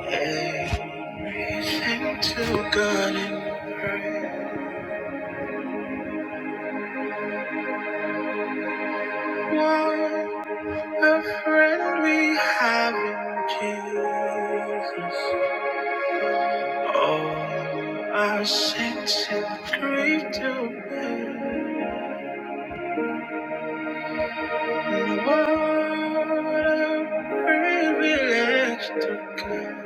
Everything to God in prayer. what a friend we have in Jesus. All our sins and grief to bear. And what a privilege to give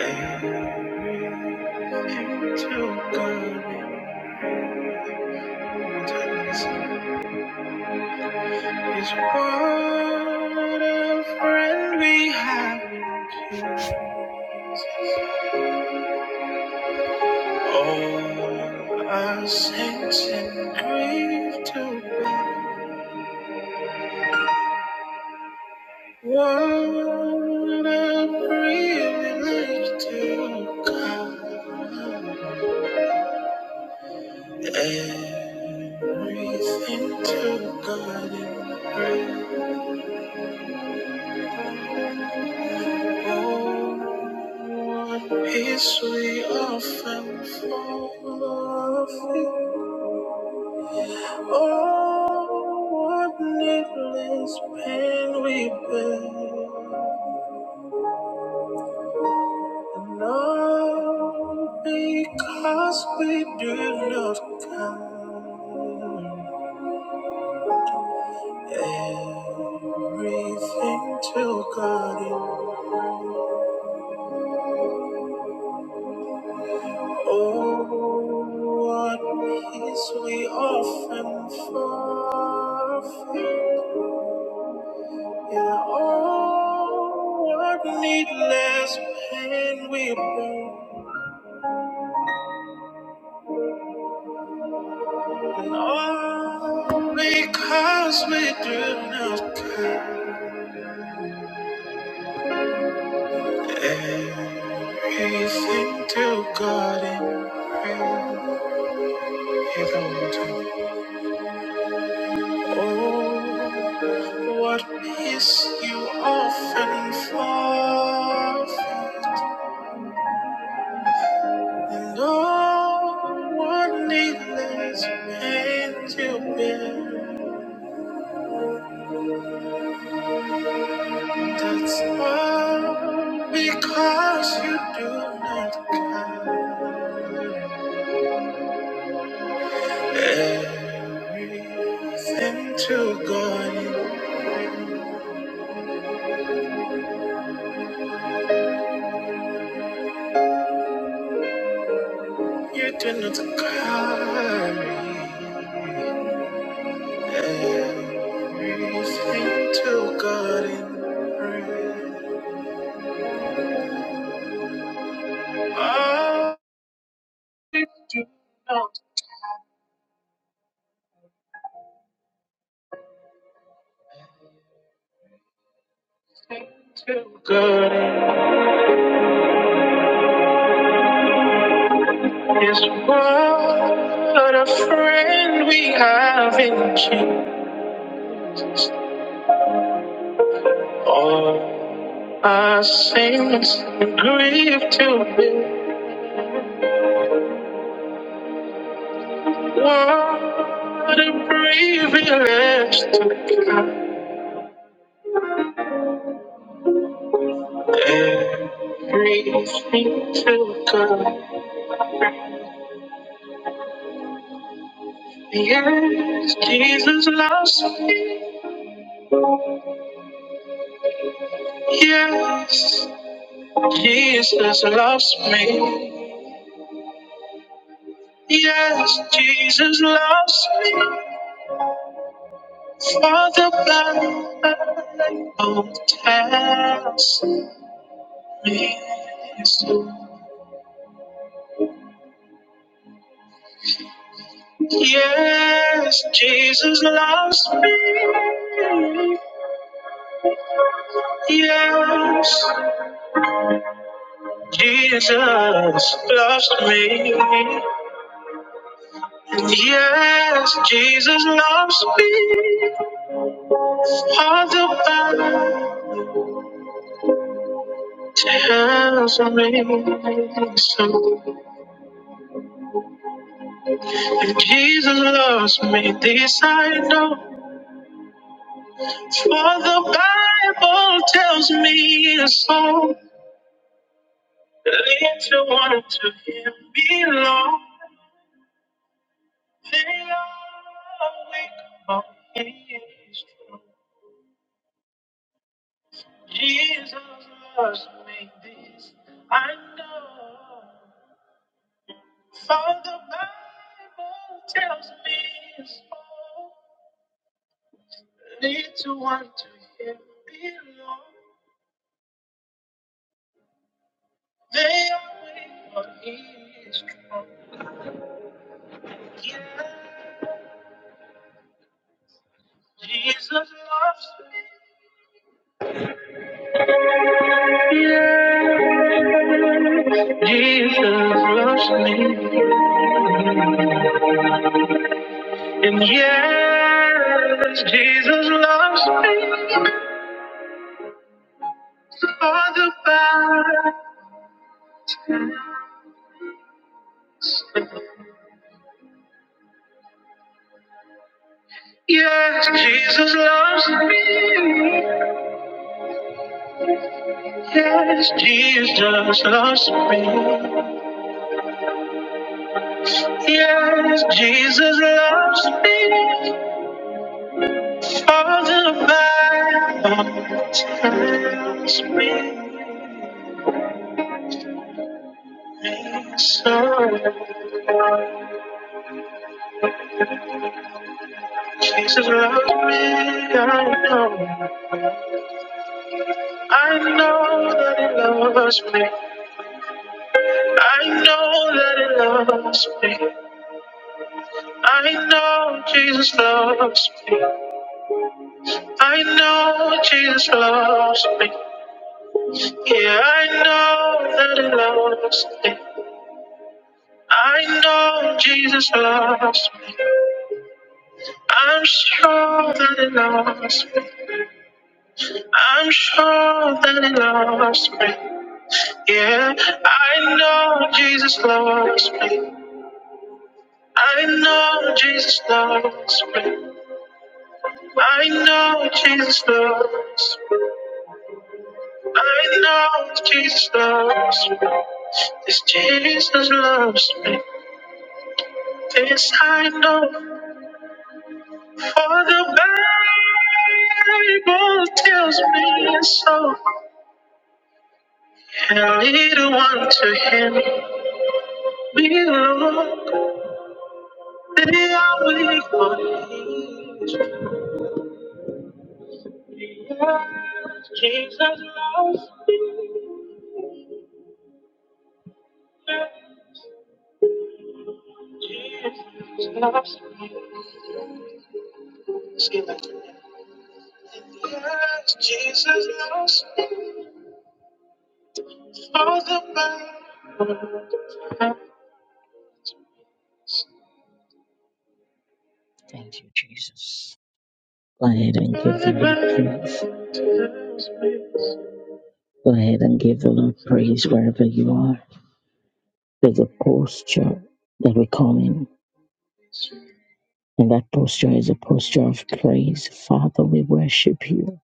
everything to God in prayer. Is what a friend we have in Jesus. All our saints in grief to bear. What a privilege to come. Everything to God in prayer. Oh, what peace we often forfeit. Oh, what needless pain we bear. And all because we do not count everything to God in prayer. Oh, what peace we often forfeit. In all our needless pain we bear, and all because we do not care. Everything to God in prayer. He will do. Oh, what peace you often forfeit, and all what needless pain you bear. That's all because you do not count everything to God. You do not carry everything to God in prayer. Oh, God is what a friend we have in Jesus. Oh, I sing and grieve to be what a privilege to God. Everything to God. Yes, Jesus loves me. Yes, Jesus loves me. Yes, Jesus loves me. For the blood of past me. Yes, Jesus loves me. Yes, Jesus loves me. Yes, Jesus loves me. All the Bible tells me so. Jesus loves me, this I know. For the Bible tells me so. Little one to him belong. They are weak, but He is strong. Jesus loves me, this I know. For the Bible tells me His all leads to one to Him belong. They are weak, but He is strong. Yeah, Jesus loves me. Yeah, Jesus loves me. And yes, Jesus loves me for the past. Yes, Jesus loves me. Yes, Jesus loves me. Yes, Jesus loves me for the past. Loves me so. Jesus loves me, I know. I know that it loves me. I know that it loves me. I know Jesus loves me. I know Jesus loves me. Yeah, I know that it loves me. I know Jesus loves me. I'm sure that it loves me. I'm sure that it loves me. Yeah, I know Jesus loves me. I know Jesus loves me. I know Jesus loves. I know Jesus loves. This Jesus loves me. This I know. For the Bible tells me so. And little one to him belong. They are weak for Jesus loves me. Jesus loves me. Sing it. to him. Yes, Jesus loves me for the burden, Thank you, Jesus. Go ahead and give the Lord praise. Go ahead and give the Lord praise wherever you are. There's a posture that we come in, and that posture is a posture of praise. Father, we worship you.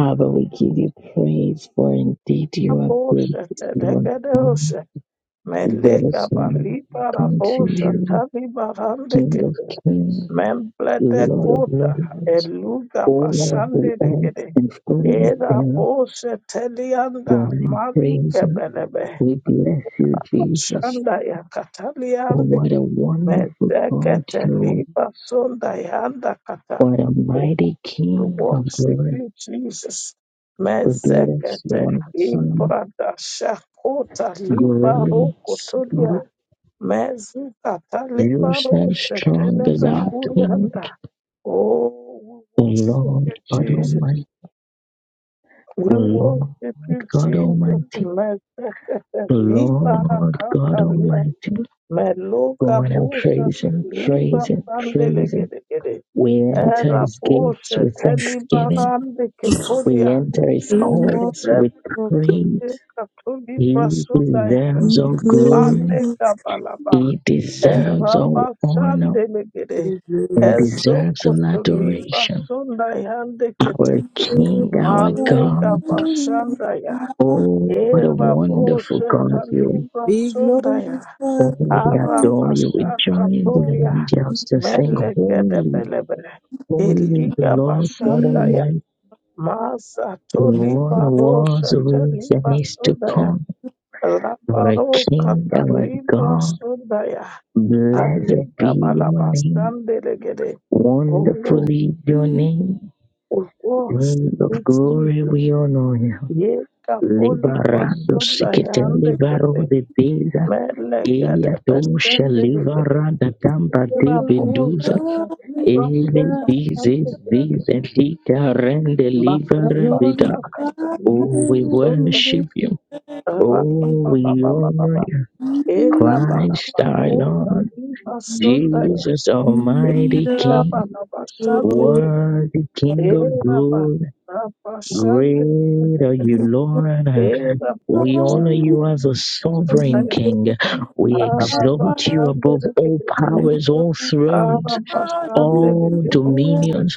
Abba, we give you praise, for indeed you are good, Rabosha Lord. Teregadosha There is Melega none Baliba like unto Rabosha you. Tavi Barande King of Kete kings, Memble de Lord of Kota lords, Eluga owner of the Bashande de earth Gede and fullness Era thereof, Bosha God Telianda and praise. Maluke Belebe We bless you, Jesus. Shanda Oh, Yakataliande what a wonderful God Mezekete you are. liba sonda yanda kata. What a Oh, mighty we King of worship glory. you, Jesus. We bless you, Mezekete our Son. imprada shakota liba Great God, rokotodia. Mezukata you liba stand roshe strong as telebe our King, kurianda. Oh, we the worship you, Lord God Almighty, Jesus. We the Lord worship you, God Jesus. Almighty, Mezekete the liba Lord God rakata Almighty. Meluka Going and Bosha praising, Liba praising, praising. Sandelegede We enter Era his gates Bosha with thanksgiving. Telibarande We Kepolia enter his We magnify, courts Rebbe with we praise. Katuli He Brasunda deserves all glory. Mande glorify, Kabalaba He deserves all Eraba honor. Sandelegede We glorify, glorify He Ezo deserves all Kotuliba adoration. Sunda Hande Our Kete King, our Male God. you. Kabashandaya Oh, what a Era wonderful Bosha God you. Taliba We Sundaya glorify Oh, we you. adore you. We Arabasha join the Katolia angels to sing holy. Melekedebelebe Holy is the Eliga Lord God we Bashandaya Almighty. Masa Toli Lord was Barosha with and Teliba is to Sundaya come. Our Labaro King, our Kataliba God, Sundaya blessed Adliga be your name. Balabastandelegede Oh, Wonderfully your name. we worship King of you, glory, Jesus. we honor you. Ye Kapoli Liberando sikite Basundaya libaro Andekete de beza. Melegede Elia tosha livarada tamba de Glorify you. beduza. Ubabuzaga Ele ibibasumba bizes kandi bizes lika rende livara vida. bakabashakaga Oh, we ibibasumba worship you. Oh, we honor bababababa you, ela Christ our barabakobwa Lord, bibasumba Jesus Almighty ela King, barabashande worthy King ela of glory. barabashande Great are you, Lord. ela We buza honor Glorify you. you as a sovereign arabashande King. We We glorify exalt you. you above all We powers, all glorify thrones, you. all arabashande dominions.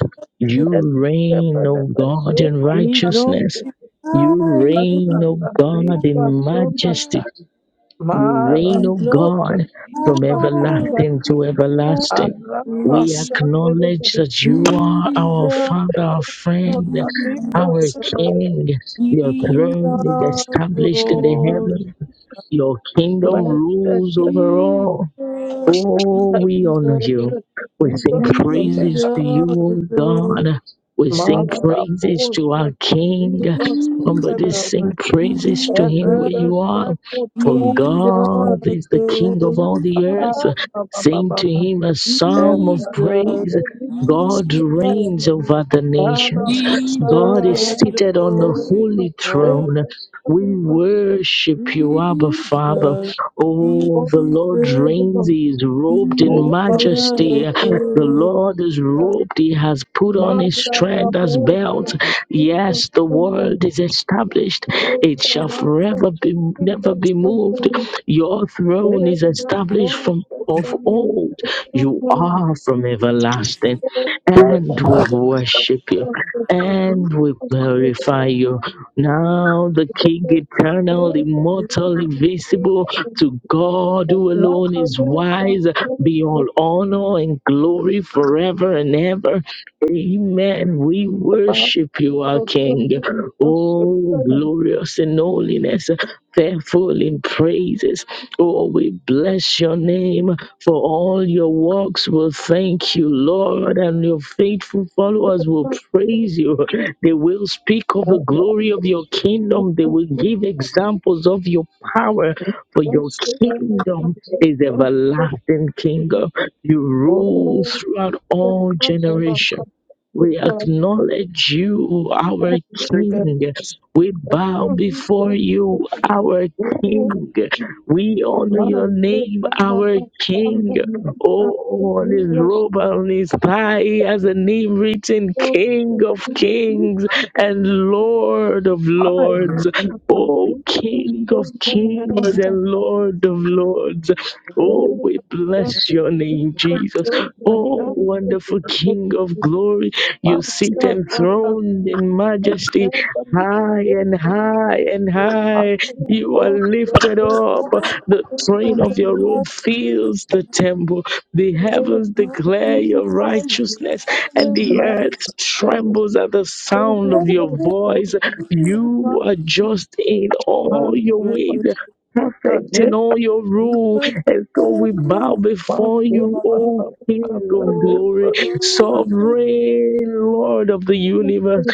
Mara You reign, O God, in We glorify righteousness. You you. reign, O God, in majesty. You reign, O God, from everlasting to everlasting. We acknowledge that you Jesus, are our Father, our friend, our King. Jesus, Jesus, Your throne is established in the Lord, heaven. Your kingdom rules over all. Jesus, Oh, we honor Jesus, you. We sing Jesus, praises to you, O God. We sing praises to our King. Lord, Somebody Jesus, sing praises to him where Jesus, you are. For Jesus, God is the King of all the earth. glorify Sing to him a psalm of Jesus, praise. God Jesus, reigns over the nations. God is Jesus, seated on the holy glorify throne. We worship you, Abba Jesus, Father. Oh, the Lord Jesus, reigns. He is robed in majesty. Jesus, The Lord is Thank robed. He has put on his strength as belt. Yes, the world is established. It shall forever be never be moved. Your throne is established from of old. You are from everlasting. you. And Thank we worship you. And we glorify you. Now the King eternal, immortal, invisible, to God who alone is wise be all honor and glory forever and ever. Amen. We worship you, our King. Oh, glorious in holiness, faithful in praises. Oh, we bless your name for all your works. We'll thank you, Lord, and your faithful followers will praise you. They will speak of the glory of your kingdom. They will give examples of your power for your kingdom is everlasting kingdom. You rule throughout all generation. We acknowledge you, our King. We bow before you, our you. King. We honor Thank you. your to name, our King. Oh, on his robe, on his thigh, he has a name written King of keep Kings the and Lord of fire of Lords. God with Oh, you, to King of serve the man of kings God, and Lord of lords. the Oh, Lord we of God, bless to your name, Jesus. serve the man Oh, of God, to wonderful the King of glory. fire You sit of God, of enthroned God, in and majesty, never is high and a high and power high. You are of lifted God, that we up. must The serve the train man of of your God, robe fills the temple. The to be heavens declare your righteousness, and the blessed, earth and trembles at the sound of every your day, voice. so You are just in all Oh, your ways, perfect in all your rule. And so we bow before you, glorify O King of glory, Jesus, sovereign Lord of the universe.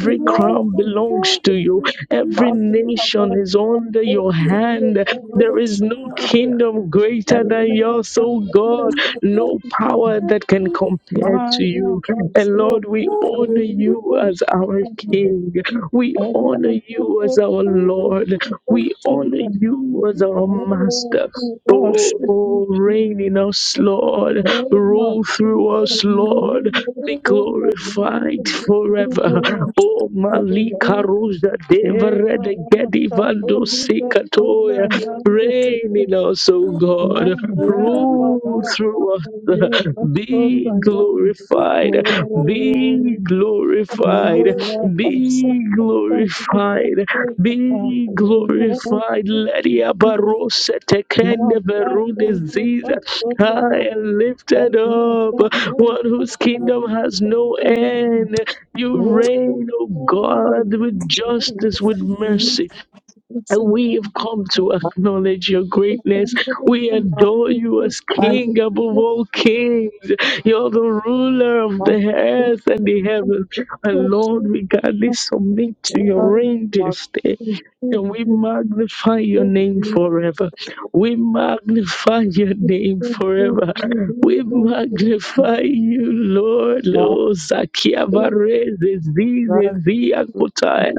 Thank crown belongs to you, every nation is under your hand. There is no kingdom greater than yours, O God, no power that can compare to you. And Lord, we honor you as our King. We honor you as our Lord. We honor you as our Master. Oh, gosh, reign in us, Lord. Oh no, Rule she through was going us, to bring Lord. the Be story that you have to glorified do. forever. Oh she Oh, was going to Malika Rosa Deva Eva Rede Gedi Ramasta Vando Polida Soda Sikatoya. Yandeke Reign in us, O God. Maya Rule Para through us. Nima Be Soda Yand. glorified. Be Oh glorified. don't Be glorified. Be glorified. the Lydia Thank Barossa Tekende Master, Verude thank you for Ziza. so much. High Thank and lifted you up. for so much. One whose kingdom has no end. You Oh, reign, O oh, God, with justice, with mercy. And we have come to acknowledge your greatness. oh, We adore you as King above all kings. You're the ruler of the earth and the heavens. And Lord, we gladly submit to your reign this day. And we magnify your name forever. We magnify your name forever. We magnify you, Lord. Lo zakia vare zezi zezi akutaya.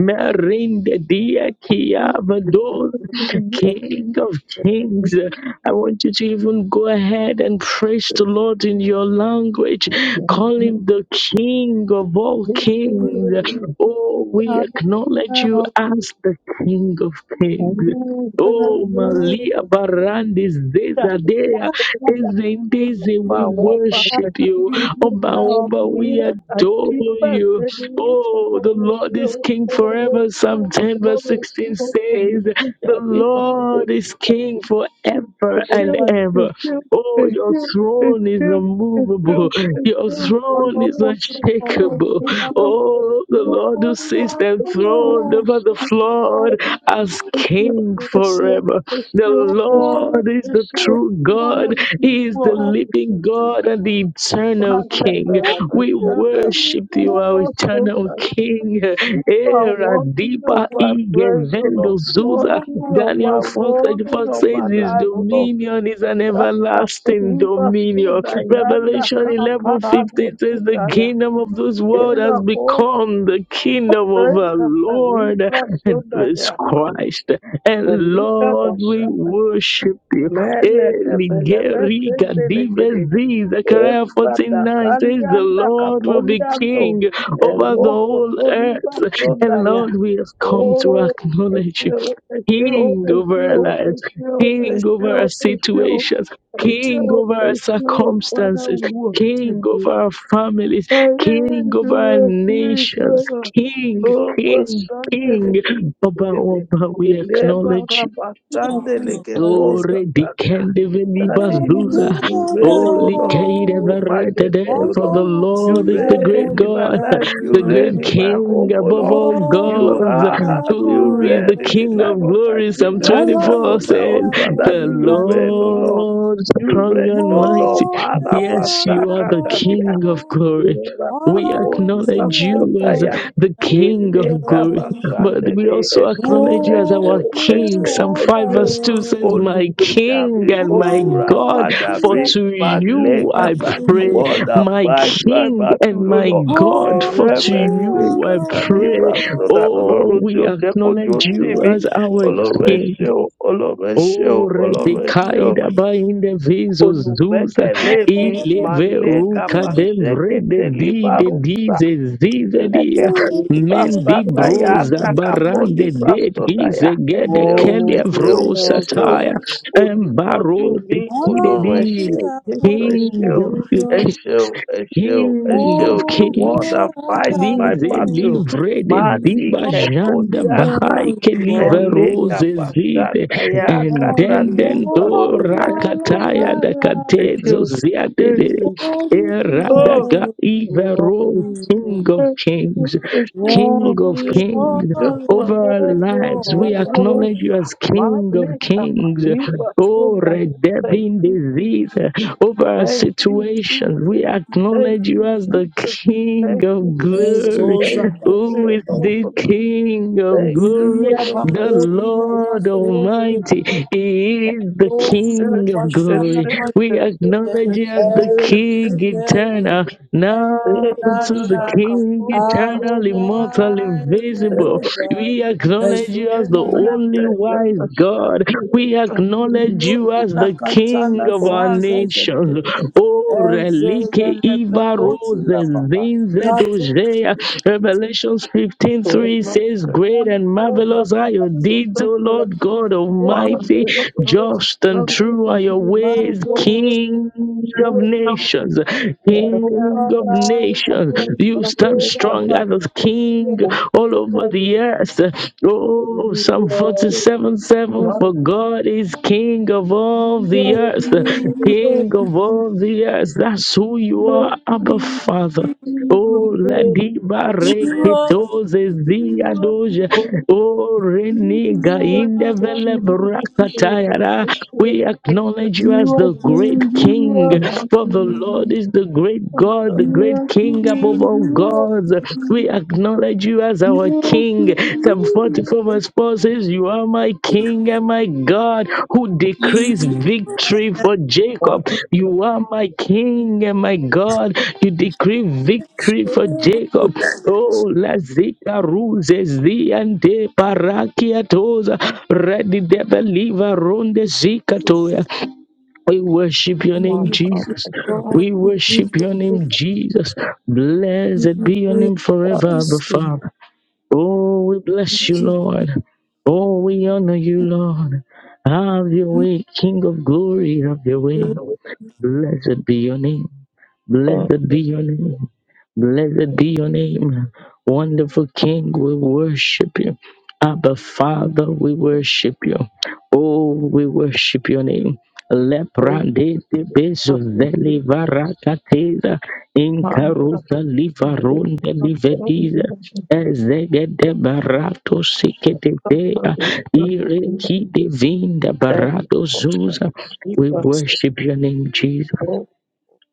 Merinde dia kia vado. King of Kings. I want you to even go ahead and praise the Lord in your language. Call him the King of all Thank kings. Oh, we you. acknowledge you as the King of Thank Kings. you. Oh, Malia Barandis, Desadea, Ezendeze, we worship you. Oba, Oba, we adore you. Oh, the Lord is King forever. Psalm 10, verse 16 says, The Lord is King forever It's and you, ever. it's you, Oh, it's your you, it's throne is you, it's immovable. you, it's you, it's Your you, it's throne is you, unshakable. it's you, it's Oh, the you, Lord who sits it's you, enthroned over it's the you, flood it's as you, you. King it's you, it's you, it's you, forever. it's The you, Lord is Ọlọ́run the it's true you, it's you, God. we He is the worship living you, God Jesus. and the eternal King. We Malabarabashaka, worship you, we our worship eternal you. King. You are Era worthy of diba my ige praise, O vendo Lord, zuza. worthy of my Daniel 4 worthy thirty-four of my says his life, O Lord. dominion is an everlasting dominion. Libasudayanda Revelation eleven fifteen says the Kaparadusitaya kingdom of this world has Ela Bo become the kingdom of our Rekata Lord Libra and of suda his ya. Christ. And Elika Lord, we Bashana worship you. Meleke Belebeke Eligerika Delegere divezi. Zechariah Ebra 14 9 says, The Dakalianda Lord will be Kapoliando king over the Eloko whole Toliba earth. And Sudaya Lord, we have come to Oh acknowledge you. Eshio Eshio King over our esio lives, esio King over our esio esio situations, King esio over our esio Father circumstances, we King worship you. over our families, King over our That nations, King, King, King. Oba, Oba, we acknowledge you. Ore dikende velibas is, duza. you reign, O Holy Lord, in your majesty, Kadevarete, O for Lord. the tí You Lord is the aago great reign in lè my God, dá life, you the dúró, great reign in my King home, O ó above Lord. all gbé You gods, have, ọ̀gá you who o. is reign the in the King life of of my glory. Psalm children, in the life Ọlọ́run 24 of my tí says, a husband. kò That lè The is, dá you reign, O dúró, Lord. Lord You strong reign, mo and O Lord. mighty. gbé Father, Yes, you ọ̀gá are o. the Masakata, King of glory. Eva We Ọlọ́run akoni tí acknowledge a you basota kò as ya lè the dá King of ilega glory. dúró. But we basandele also ẹsẹ̀ o acknowledge you as ẹsẹ̀ Ọlọ́run our o King. ẹsẹ̀ o Psalm 5 ẹsẹ̀ o verse 2 says, My olùgbèjà King mi and my God, olùràpadà for mi to you balẹ̀ka I bàbí pray. wọ́ọ̀dà My fight my King battle and ló my lọ God, for to ẹlẹ́mẹ̀sẹ̀ you I kàtàlí pray. basọ̀dà Oh, ọlọ́run tí we ó jẹ́ kojú ó acknowledge tì you mí as our ọlọ́run King. ẹṣẹ́ o ọlọ́run ẹṣẹ́ o Ore de ọlọ́run ẹṣẹ́ o kaida ba in de visos zusa olùgbẹ́kẹ̀lé mi ile màlẹ́kà veruca de vrede pàṣẹkẹ̀tẹ̀ di de líbárùsà dize zize dia mendi lẹ́gẹ̀bẹ̀líbásádàyà broza àdàkàpọ̀ barande de dize líbrásódàyà ẹ gede ṣé o ẹ kelia ṣé o ẹ vrosa ṣé o taya embaro olùtọ́jú de mi kide ọlọ́run di ẹ tí ṣé a kò lè king jésù of dájú the lọ, ẹ king, ṣé o ẹ ṣé o ẹ ṣé o ẹ mo king ṣé o of the kings war gbé that fight ọgá my Lize rẹ̀. battle livre de máa ní diba kẹ̀pọ̀ ní janda Thank àndà bahai you. ke live ẹ̀lẹ́kà rose zide pàṣẹdàyà and kàtà then then do líbrásódàyà ẹ ṣé o. rakataya da katezo Until ziade there's de you, era da oh, ga ivero king of and kings shit, King blue, of and shit, kings, no, um, over our shit, lives. live We out on acknowledge you as shop. My King of neck, I kings. leave up soon Oh, as I can thank redeeming you, Jesus. disease, over our Thank you, situations. We Jesus. Thank acknowledge you you, as the Jesus. King Thank of you, Jesus. glory. Thank you for Who your is this? love, the for the King of thank you glory, for your the mercy. This Lord is- this Almighty. is- He is the King of this glory. is- We this is- this acknowledge is- you as the this is- this King is- eternal. Now Thank to the Adonai, King eternal, immortal, Adonai, yes, invisible. Adonai. We acknowledge you as the Azuma la only wise God. We acknowledge melo you as la the King katana of our saza nation. zedededede. Oh, Enze Relike mele Iva pekoti Rose la papa. Rato Zinzedozea. Revelations 15:3 says, Great kana and kota marvelous are pala your so deeds, O zele. Lord God Ege Almighty, tele tele just zele. and true. You are your ways, Mazo zo King of koti la. nations, King Over of life, nations. you are to You stand go over strong family. as a You king all are to go over the over earth. Oh, Lord, Psalm 47 7 For God is King of all the Jesus, earth, King of all the earth. That's who you are, Abba Father. Oh, la diba reketoze zia doja. Oh, reniga you. indevele Thank brakatayara. We acknowledge you as the great king. For the Lord is the great God, the great king above all gods. We acknowledge you as our king. Psalm 45:11 so my spouse says, You are my King and my God who decrees victory for Jacob. You are my King and my God. You decree victory for Jacob. Oh, la Lazika Ruzes, the Ante Parakiatoza, Ready Debeliva Ronde zika toya. We worship your name, Jesus. thank We worship your name, Jesus. Blessed be your name forever, Abba Father. Oh, we bless you, you, Lord. Oh, we honor you, Lord. Have your way, King of glory, have your way. Blessed be your name. Blessed be your name. Blessed be your name. Wonderful King, we worship you. Abba Father, we worship you. Oh, we worship your name. Leprande de bezo veli varakateza incaruta livaronde livediza ezegede barato siketetea ireki de vinda barato zuza. We worship your name, Jesus.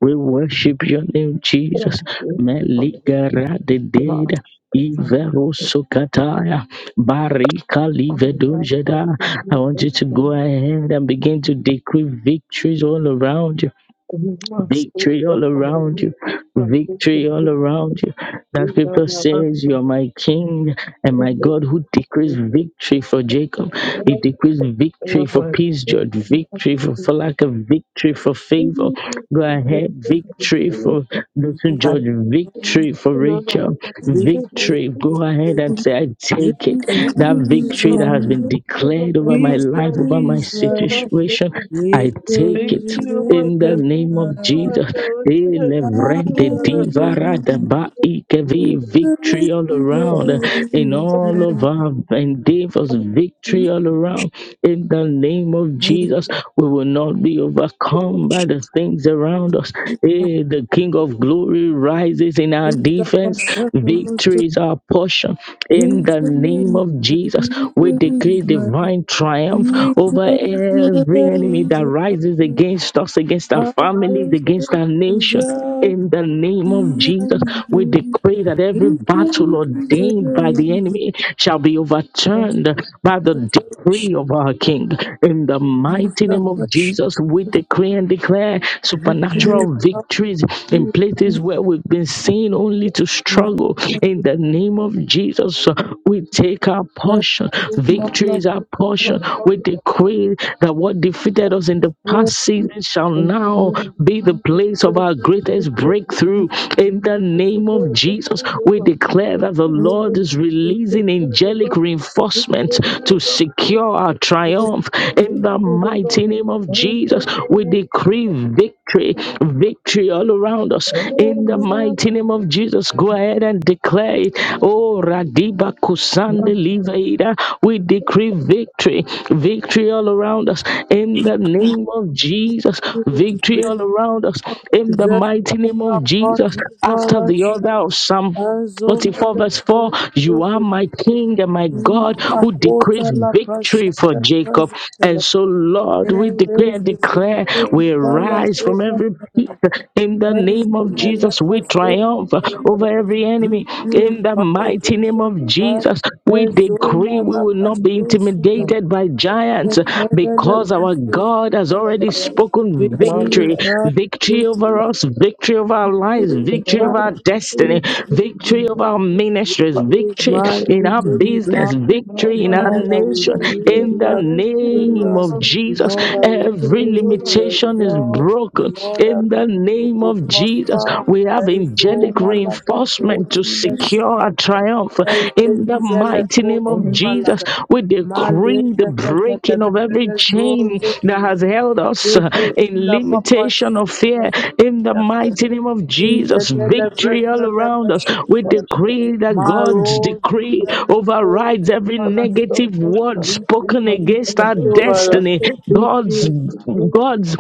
We worship your name, Jesus. Meligara de deda. Ivero sukataya. Barika livedunjada. I want you to go you. ahead and begin to decree victories all around you. You must put Victory the all around foundation you. for Victory the all around you. That scripture says, You are my king and my God who decrees victory for Jacob. He decrees victory for peace, George. Victory for, for lack of victory for favor. Go ahead. Victory for Dr. Jesus. George. Victory for Rachel. Victory Victory. Go ahead and say, I is take it. That victory that has been mine. declared over my life, over Victory my is mine. Victory is mine. situation, I Victory take Thank it is in the name of mine. Jesus. Elevrende divarada ba ikevi, Victory all around uh, in all you. of our endeavors, victory all around in the name of I Jesus. We will not be overcome by the things around us. Eh, The King of glory rises in our think that my defense, son must victory have is our portion in victory is the name mine. of Victory is Jesus. mine. Victory We is decree mine. divine triumph over every enemy that rises against us, against I our families, trust against our in nation. God. In the name of He Jesus, and we you. decree that every battle ordained by the enemy shall be overturned by the decree of our King. In the mighty name of Jesus, we decree and declare supernatural victories in places where we been seen only to struggle. In the name of Jesus, uh, we take our portion. Victory is our portion. We decree that what defeated us in the past season shall now be the place of our greatest breakthrough. In the name of Jesus, we declare that the Lord is releasing angelic reinforcement to secure our triumph in the mighty name of Jesus, we decree victory, Thank victory all around us. In the mighty name of Jesus, go ahead and declare it. Oh, Radiba Kusande Livaida, we decree victory, victory all around us. In the name of Jesus, victory all around us. In the mighty name of Jesus, after the Just order of Psalm. Azo 44 mele verse mele 4 You are kozo my dikete. king and my Ima God na who kota decrees la victory for prashada Jacob. kazo tele And so, tele. Lord, we decree and Ereze declare zelite we diva la rise from kota every pit tele tele. in the Eze name of mele Jesus. We kozo triumph tele over tele. every enemy Vivi in the vai mighty name vivi of lai. Jesus. We Ezo decree we mala will not be pasho sude. intimidated by giants Tele le because our pasho God has tele has already tele. spoken Victory is victory high, victory over victory, us, victory over our lives, victory is victory high, over our victory destiny, is high. victory over our ministries, Victory is victory mine, in our victory is business, ours. victory in In our all that we nation. do, In we the are name victorious. of In Jesus, all that we do, every we are limitation is joy. In broken. all that In we the do, name we of Jesus, prosper. we have Enzo angelic malapa reinforcement to koti you. secure lesele. our triumph triumph. In Enzo the zele mighty name koti Thank of you. Jesus, malagata. we decree Maleze the ketele breaking of every bebele chain zozo that has zele. held us uh, Rege in kila papa limitation of shakele. fear. In the mighty sele. name of In the Jesus, victory all celebration of around the us. We Shushan, decree that God's Maro decree Zuzan, overrides Oti every Palasan, negative word Retrieve spoken victory against our victory over us, destiny. God's Retrieve God's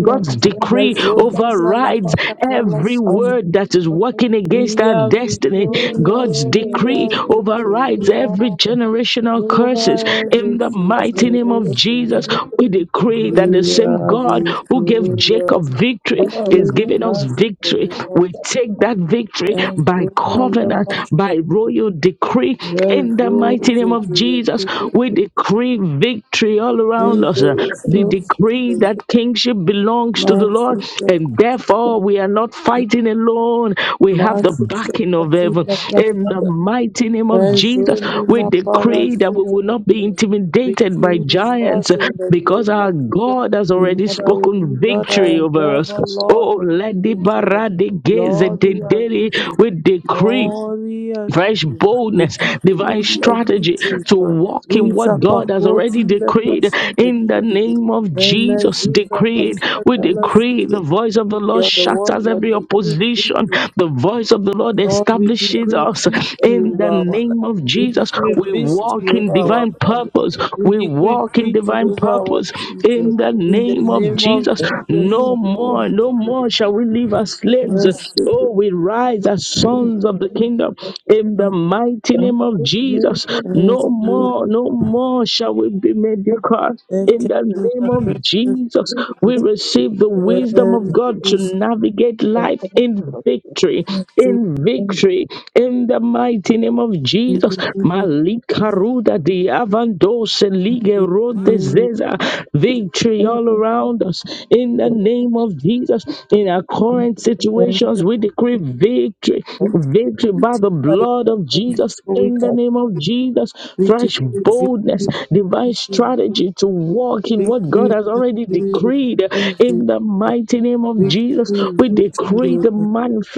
God's the decree Mezo Zuzan, La overrides Pacatala every Sus. word that is working against We our are destiny. victorious, God's we decree are overrides every victorious generational curses. over In every the mighty name of Jesus, situation. we decree that the We same are God who gave victorious, Jacob victory is victory is giving us ours in the victory. name of We take that victory Master, by covenant, by royal decree. In the mighty name of Jesus, we decree victory all around us. Uh, the decree that kingship belongs to the Lord, and therefore we are not fighting alone. We have the backing of heaven. In the mighty name of Jesus, Razoni we decree that we Maparasuta. will not be intimidated by Victory is ours giants uh, in the name because of our Jesus. God has already Lord, I will do spoken not I victory over us. endeavor, Oh, Lord, let we the victory. barade gaze at Lord, the we are daily. victorious, We decree Lord, we are fresh victory. We boldness, divine decree your strategy victory, to Lord. walk in We what God has support already in the decreed person. in the name of Amen. Jesus. Zuza Decreed, Pastor, we tell us, decree the voice of the Lord You're the one shatters that every decrees opposition, the victory. voice of the Lord Lord, we establishes decree us victory in the over our life. name of We Jesus. decree We walk victory in over our divine family. purpose, We we decree walk in victory divine over our purpose in children. the In the name of name of Jesus. Jesus, No we more, walk no in the more shall we live as slaves. rest of Oh, Oh, we rise as sons of the kingdom in the the mighty name of Jesus. rest No of more, no more shall we be mediocre. the In the capital name that of precious Jesus, is we receive the Rest wisdom of of God to this navigate life in victory, matter in Thank you. victory, in the mighty name of in Jesus. the name of Malikaruda di avandose lige rode Jesus. zeza. Victory We all found around us. In the name of Jesus. Jesus. In our current Rest situations, we decree victory, victory by the victory. blood of Jesus. We decree In the name of Jesus, victory. fresh boldness, We decree divine victory. strategy to walk in We give what God you has already glory, decreed. praise, In the and mighty name of we give Jesus, you we victory decree the over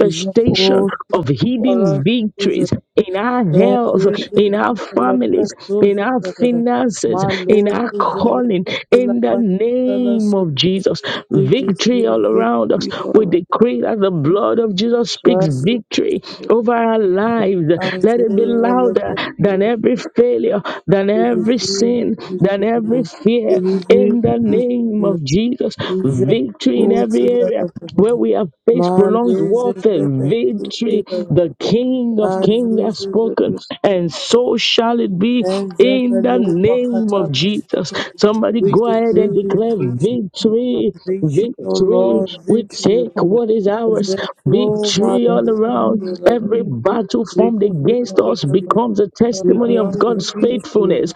the all who of follow hidden us victories in our and health, then the in our Catala families, in Presos our Zadada. finances, My in Lord, our to the calling. Catala In the name Pachala name of Sutta. Jesus. We give Victory all you around us. victory We over decree that the blood of Jesus speaks the victory Catala over our lives. Let it be Isaiah and louder the than Presos. every failure, than We give every you sin, than every victory. We fear. give In you the name victory. of Jesus, Dice victory in frutti every la area where papava. we have faced prolonged Malese warfare, zete frutti victory, la the papava. King of Kings has Azize spoken, zete. and so shall it be Ezebe in the lopa name of katala Jesus. shete. Somebody We go ahead and decree declare victory, victory, victory, O victory. Lord, We victory, take O Lord. what is ours, Zero victory Malu, all around. Every battle we formed decree against us victory, becomes a is a we testimony of decree God's faithfulness. victory, O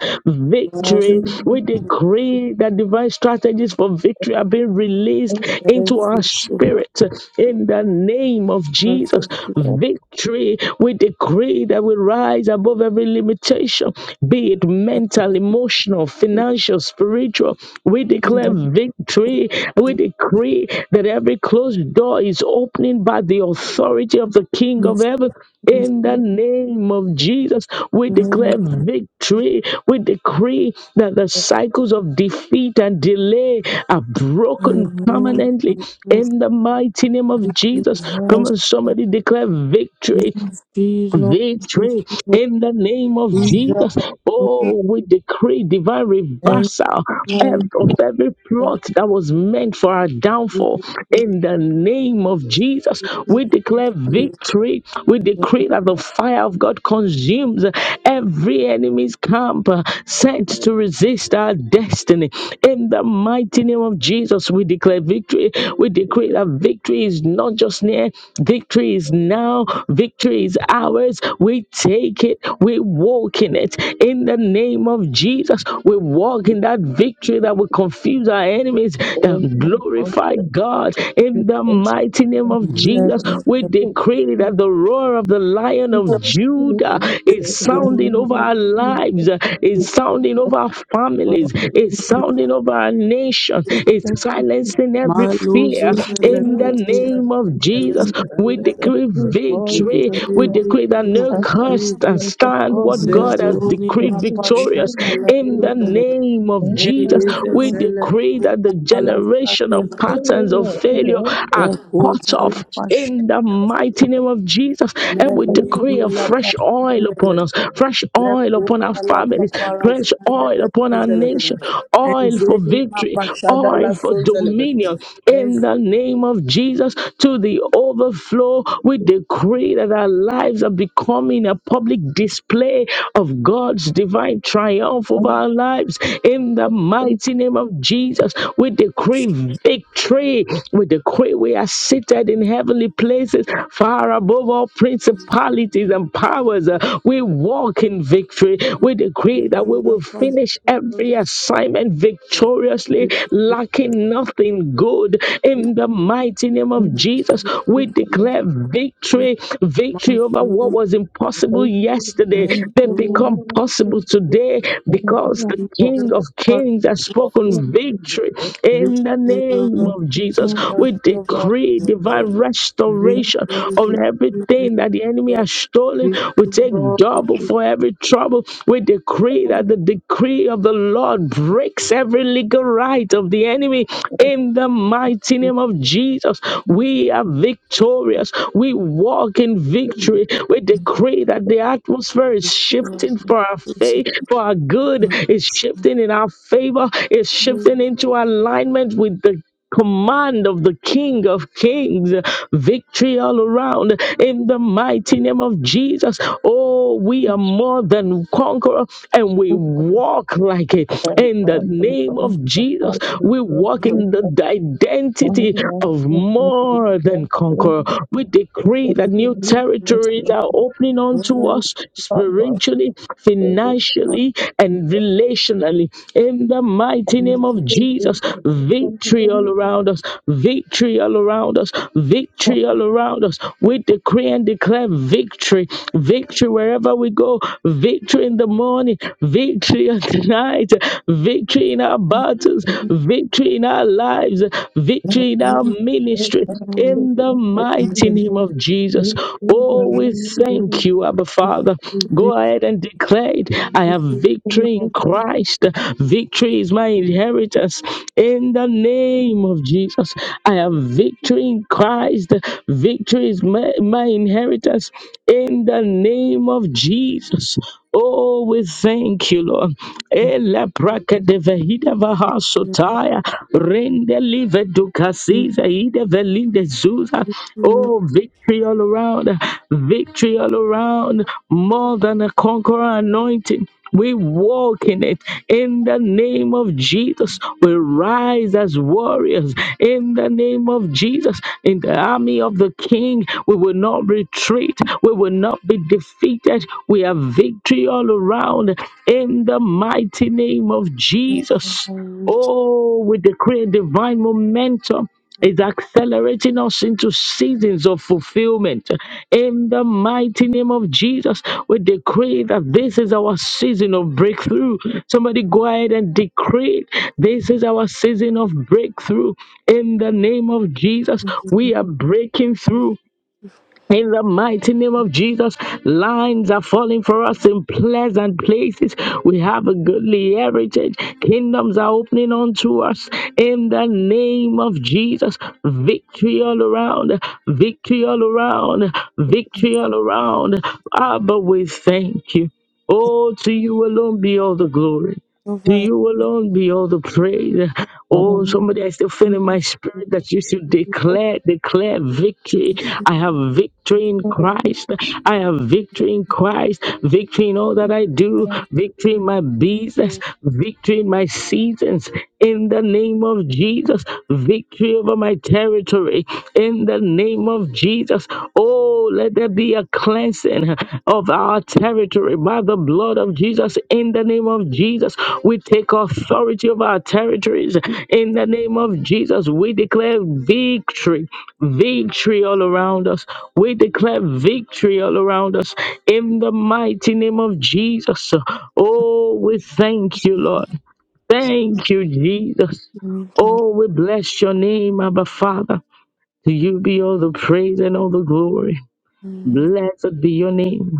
Lord. Victory, we decree that divine strategies for victory are being released Yes, into yes, our we support, spirit in the name of yes, Jesus. yes, Victory, we decree that we rise above every limitation, be it mental, emotional, yes, financial, spiritual. We declare victory decree, we decree that every closed door is opening by the authority of the King of yes, yes, heaven. yes, In the name of Jesus, we declare yes, victory. We decree that the cycles of defeat and delay are yes, broken yes, permanently yes, yes, in the mighty name of We Jesus. Come bless on, somebody declare victory thee, Lord, this victory Lord, in the name of is Jesus. a good Oh, we decree divine and reversal ev- of every well plot that was meant for our downfall in the name of Jesus. We declare victory. We decree that the fire of God consumes every enemy's camp uh, sent to resist our destiny. In the mighty name of Jesus, we declare victory. We decree that victory is not just near, victory is now now victory is ours. We take it, we walk in it. In the name of Jesus, we walk in that victory that will confuse our enemies, that glorify God. In the mighty name of Jesus, Yes, we decree that the roar of the lion of Judah is sounding over our lives, is sounding over our families, is sounding over our nation, is silencing every my Lord, fear. In the name of of Jesus, we that decree we boys we victory. and We decree victory, decree that no I victory, thank curse the can victory. Lord of stand God what in my God has mind. Zezoni, But my decreed it is passion, victorious. in I His love In you, the will. name of And Jesus, I'm in we a decree that the generational patterns of prayer, and failure I thank are cut Kota la off pasha in the mighty name of Jesus. मैं And we ये भी decree God a लपा fresh oil संदेले upon us, fresh रे oil को upon our तला families, पपारा fresh oil संदेले upon our सीजले nation, करे oil एंजे for नी मा victory, पशादा oil ला for सोजले dominion. करे In एज the name of Jesus to the overflow. We decree that our lives are becoming a public display of God's divine triumph for over the our strength lives. In the mighty name of Jesus, we decree victory. We decree we are seated in heavenly places, far above all principalities and powers. Uh, We walk in victory. We decree that we माला will finish every पशादा assignment victoriously, lacking lacking nothing good in the mighty name of and Jesus. We declare victory, victory over what Mazur was impossible faith to yesterday. and meet They the Lord become man of possible Jesus. today And I'm because not the of- King Jesus of of- for Kings has of him spoken who victory is in the Victory name in of the Jesus. family. We over decree divine Jehovah. And restoration Victory, on victory, everything that the enemy Lord, has stolen. we We give you take all the double praise for every trouble. We decree I'm free. And I'm thankful that the decree of the Lord breaks every every legal right of the enemy in the mighty and name of Jesus. We are victorious. We walk in victory. We decree that the atmosphere is shifting for our praise faith, for our good, of is shifting in our favor, is shifting you. into alignment with the command of the King of Kings, victory all around in the mighty name of Jesus. Oh, we are more than conqueror and we walk like it in the for the name Lord, of the power Jesus. of His We grace, walk for the in the power of identity His grace, of for more than conqueror. We the power decree of that new His territories are grace. opening unto Lord, us Thank spiritually, what financially, spiritually and relationally. In the mighty name we of Jesus, victory all around us, victory all around us, victory all around us. We decree and declare victory, victory wherever we go, victory in the morning, victory at night, victory in our battles, victory in our lives, victory in our do now ministry, in the name in the of mighty name of Jesus, Jesus. Oh, we we thank you, Abba Father. Go reach ahead and declare it. I to have you, we victory in Christ. Victory is my inheritance in the name of Jesus. I have victory in Christ. Victory is my, my inheritance in the name of Jesus. Oh, we thank you, Lord. Ele braka de vehida vaha sotaya. Rende live give dukasiza ide velinde zuza. you Oh, victory all around. Victory all around. More than a conqueror anointing. We walk in it in the name of Jesus. We rise as warriors in the name of Jesus. In the army of the King, we will not retreat. We will not be defeated. We have victory all around in the mighty name of can hear you hear Jesus. our reaching, Oh, we decree a divine momentum is accelerating us into seasons of fulfillment. In the mighty name of Jesus, we decree that this is our season of breakthrough. Somebody go ahead and decree it. this is our season of breakthrough. In the name of Jesus, we are breaking through. In the mighty name of Jesus, lines are falling for us in pleasant places. We have a goodly heritage. Kingdoms are opening unto us in the name of Jesus. Victory all around, victory all around, and victory all around. Abba, we thank you. Oh, to you alone be all the glory. To cover you alone be all the praise. Oh, somebody, I still feel you in my can spirit that you should declare, declare victory. I have victory in Christ. I have victory in Christ. Victory in all that I do. hear Victory in you my business. Victory in my seasons. In the name of Jesus. Victory over my territory. In the name of Jesus. Oh, let there be a cleansing of our territory by the blood of Jesus. In the name of Jesus, we take authority of our territories. In the name of Jesus, we declare victory, victory all around us. We declare victory all around us. In the mighty name of Jesus. Oh, we thank you, Lord. Thank you, Jesus. can hear us, you can Oh, we bless your name, Abba Father. To you be all the praise and all the glory. hear us. Blessed be your name.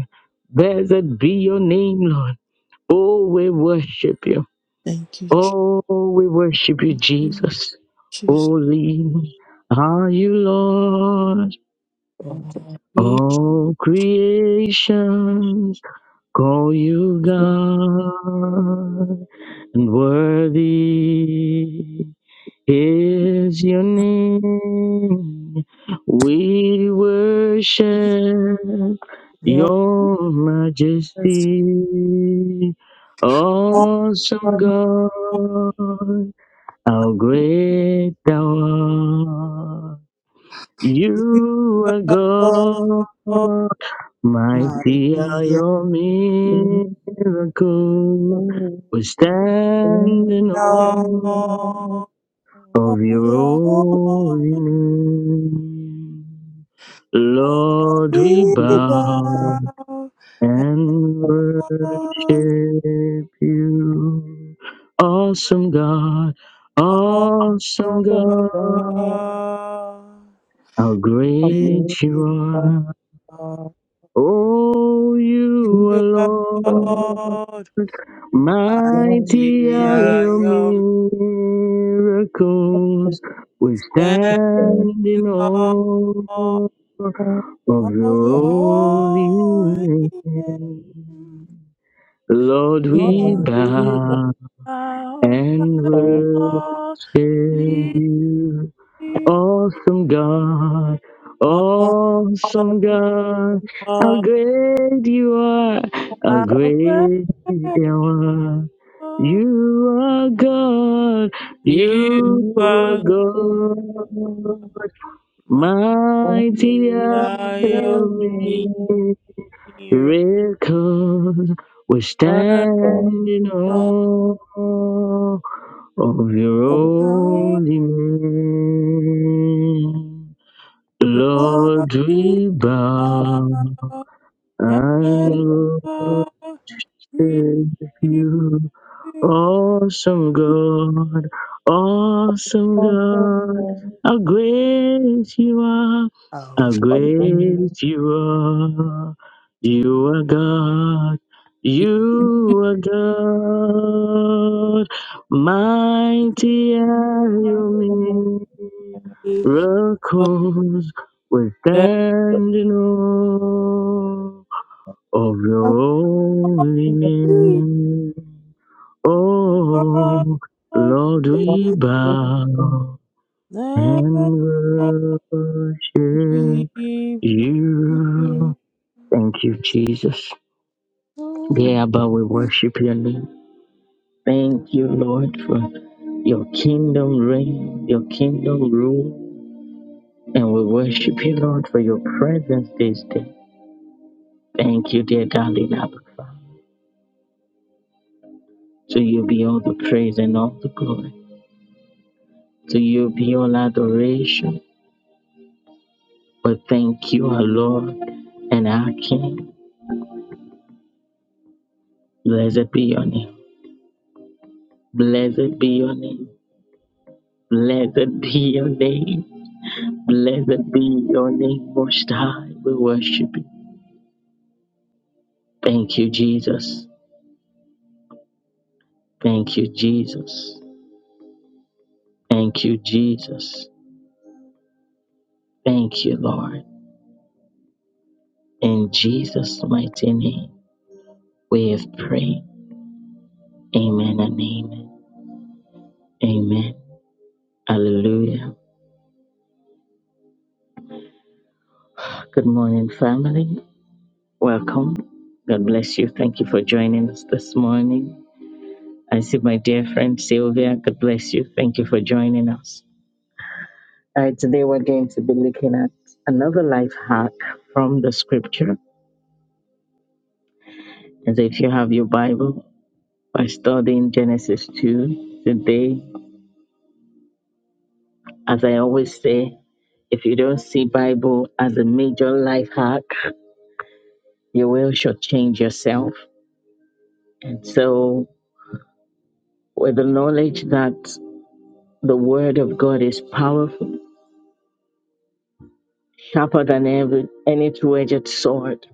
Blessed be your name, Lord. Oh, we worship you. Thank you, Oh, we worship you, Jesus. Jesus. Holy are you, Lord. Lord, we All creations call you God and worthy is your name. We worship want your us to majesty, awesome come to God, how great thou art. you, You are Lord, God, mighty are your miracles. We stand in Lord, awe my of your holy name. Lord, we bow and worship you. Awesome God, awesome God, how great you are. Oh, you alone, mighty are your Yom, miracles. we We stand stand in in awe awe. of of your your you. holy holy name. name. Lord, we Lord, we bow bow. and worship and All of you. Awesome God, our praise, awesome God, how great you are, how great you are. You are God, you you are are God, my mighty are desire, miracle, you. Lord, you Because we're are standing on of your everything. Oh, You are holy name. the Lord, we bow and worship you. Awesome God, awesome God, how great you are, how great you are. You are God, you are God, mighty are your miracles. We stand in awe of your holy name. Oh, Lord, Lord, you we bow are the Lord. and worship you. Thank you, Jesus. Yeah, but we worship your name. Thank you, Lord, for your kingdom reign, your kingdom rule. And we worship you, Lord, for your presence this day. Thank you, dear darling Abba. Father. To you be all the praise and all the glory. To you be all adoration. But thank you, our Lord and our King. Blessed be your name. Blessed be your name. Blessed be your name. Blessed be your name, Most High. We worship you. Thank you, Jesus. Thank you, Jesus. Thank you, Jesus. Thank you, Lord. In Jesus' mighty name, we have prayed. Amen and amen. Amen. Hallelujah. Good morning, family. Welcome. God bless you. Thank you for joining us this morning. I see my dear friend Sylvia. God bless you. Thank you for joining us. All right, today we're going to be looking at another life hack from the scripture. And so if you have your Bible, by studying Genesis 2 today, as I always say, if you don't see Bible as a major life hack, you will shortchange yourself. And so, with the knowledge that the Word of God is powerful, sharper than every any two-edged sword.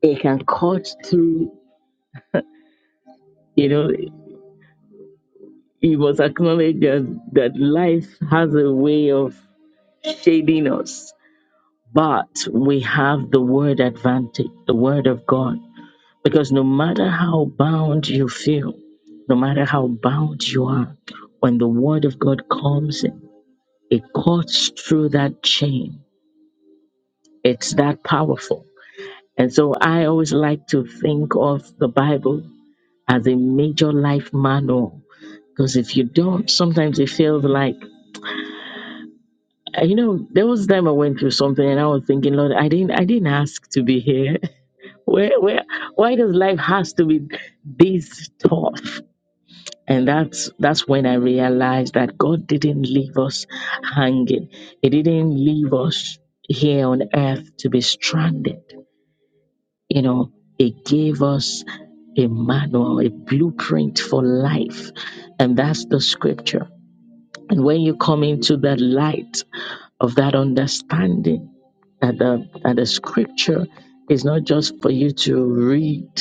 It can cut through. You know, it was acknowledged that, that life has a way of shading us, but we have the word advantage, the word of God, because no matter how bound you feel, no matter how bound you are, when the word of God comes in, it cuts through that chain. It's that powerful. And so I always like to think of the Bible as a major life manual. Because if you don't, sometimes it feels like uh, you know. There was a time I went through something, and I was thinking, Lord, I didn't, I didn't ask to be here. Where, where, why does life has to be this tough? And that's that's when I realized that God didn't leave us hanging. He didn't leave us here on earth to be stranded You know, it gave us a manual, a blueprint for life, and that's the scripture. And when you come into the light of that understanding that the that the scripture is not just for you to read,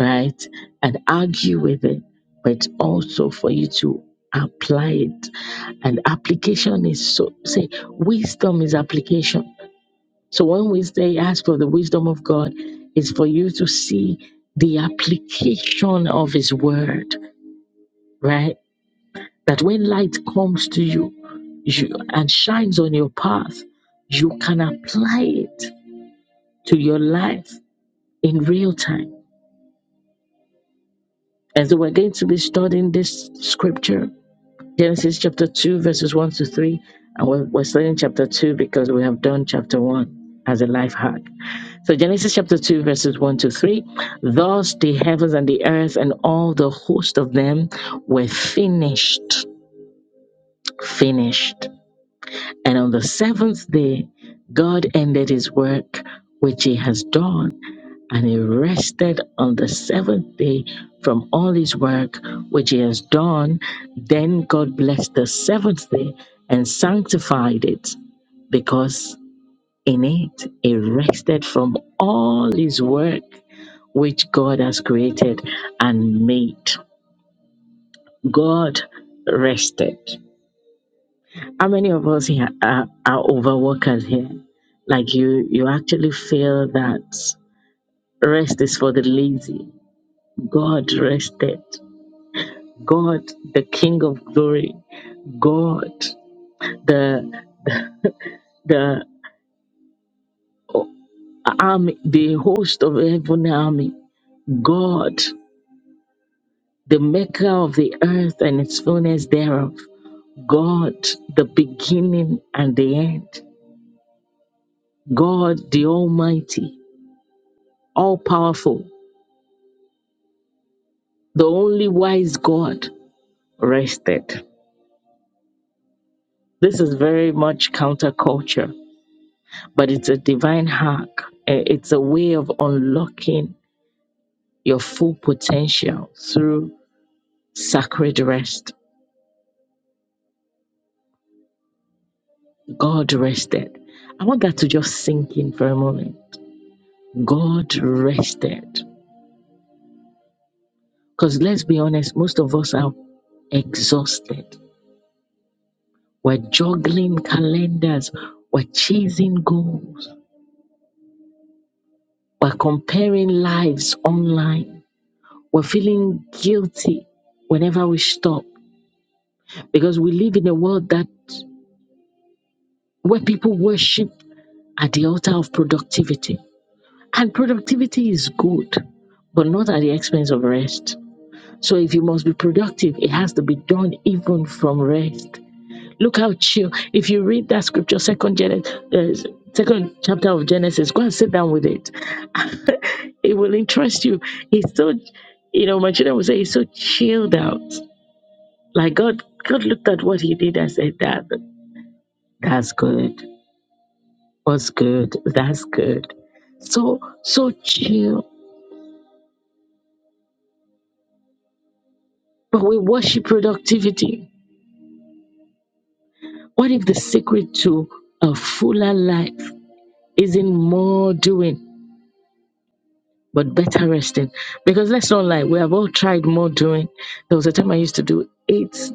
right, and argue with it, but it's also for you to apply it. And application is so say wisdom is application so one wisdom he asked for the wisdom of God is for you to see the application of his word, right? That when light comes to you, you and shines on your path, you can apply it to your life in real time. And so we're going to be studying this scripture, Genesis chapter 2, verses 1 to 3. And we're, we're studying chapter 2 because we have done chapter 1 as a life hack. So Genesis chapter 2 verses 1 to 3. Thus the heavens and the earth and all the host of them were finished. Finished. And on the seventh day, God ended his work which he has done, and he rested on the seventh day from all his work which he has done. Then God blessed the seventh day and sanctified it because in it he rested from all his work which God has created and made. God rested. How many of us here are, are overworkers here? Like you, you actually feel that rest is for the lazy. God rested. God, the King of Glory. God, the the army, the host of heaven army. God, the Maker of the earth and its fullness thereof. God, the beginning and the end. God the Almighty, all powerful, the only wise God, rested. This is very much counterculture, but it's a divine hack. Eh, It's a way of unlocking your full potential through sacred rest. God rested. I want that to just sink in for a moment. God rested. Because let's be honest, most of us are exhausted. We're juggling calendars. We're chasing goals We're comparing lives online. We're feeling guilty whenever we stop because we live in a world that where people worship at the altar of productivity. And productivity is good, but not at the expense of rest. So if you must be productive, it has to be done even from rest. Look how chill. If you read that scripture, second Genesis, uh, second chapter of Genesis, go and sit down with it. It will interest you. He's so, you know, my children will say he's so chilled out. Like God, God looked at what he did and said that that's good. What's good? That's good. So so chill. But we worship productivity. What if the secret to a fuller life isn't more doing? but better resting. Because let's not lie, we have all tried more doing. There was a time I used to do eight,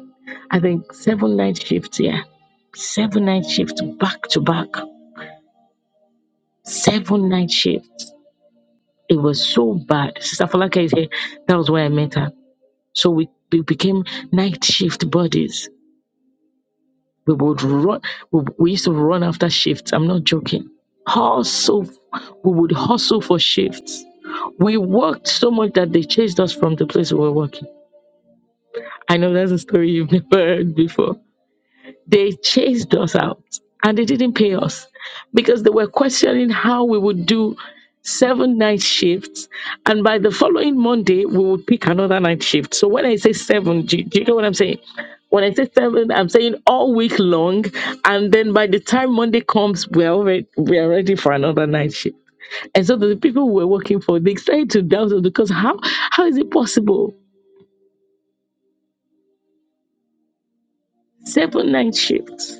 I think seven night shifts, yeah. Seven night shifts back to back. Seven night shifts. It was so bad. Sister Falaka is here. That was where I met her. So we, we became night shift buddies. We would run, we, we used to run after shifts. I'm not joking. Hustle, we would hustle for shifts. We worked so much that they chased us from the place we were working. I know that's a story you've never heard before. They chased us out and they didn't pay us because they were questioning how we would do seven night shifts. And by the following Monday, we would pick another night shift. So when I say seven, do, you, do you know what I'm saying? When I say seven, I'm saying all week long. And then by the time Monday comes, we're already, we're ready for another night shift. And so the people we were working for, they started to doubt us because how, how is it possible? Seven night shifts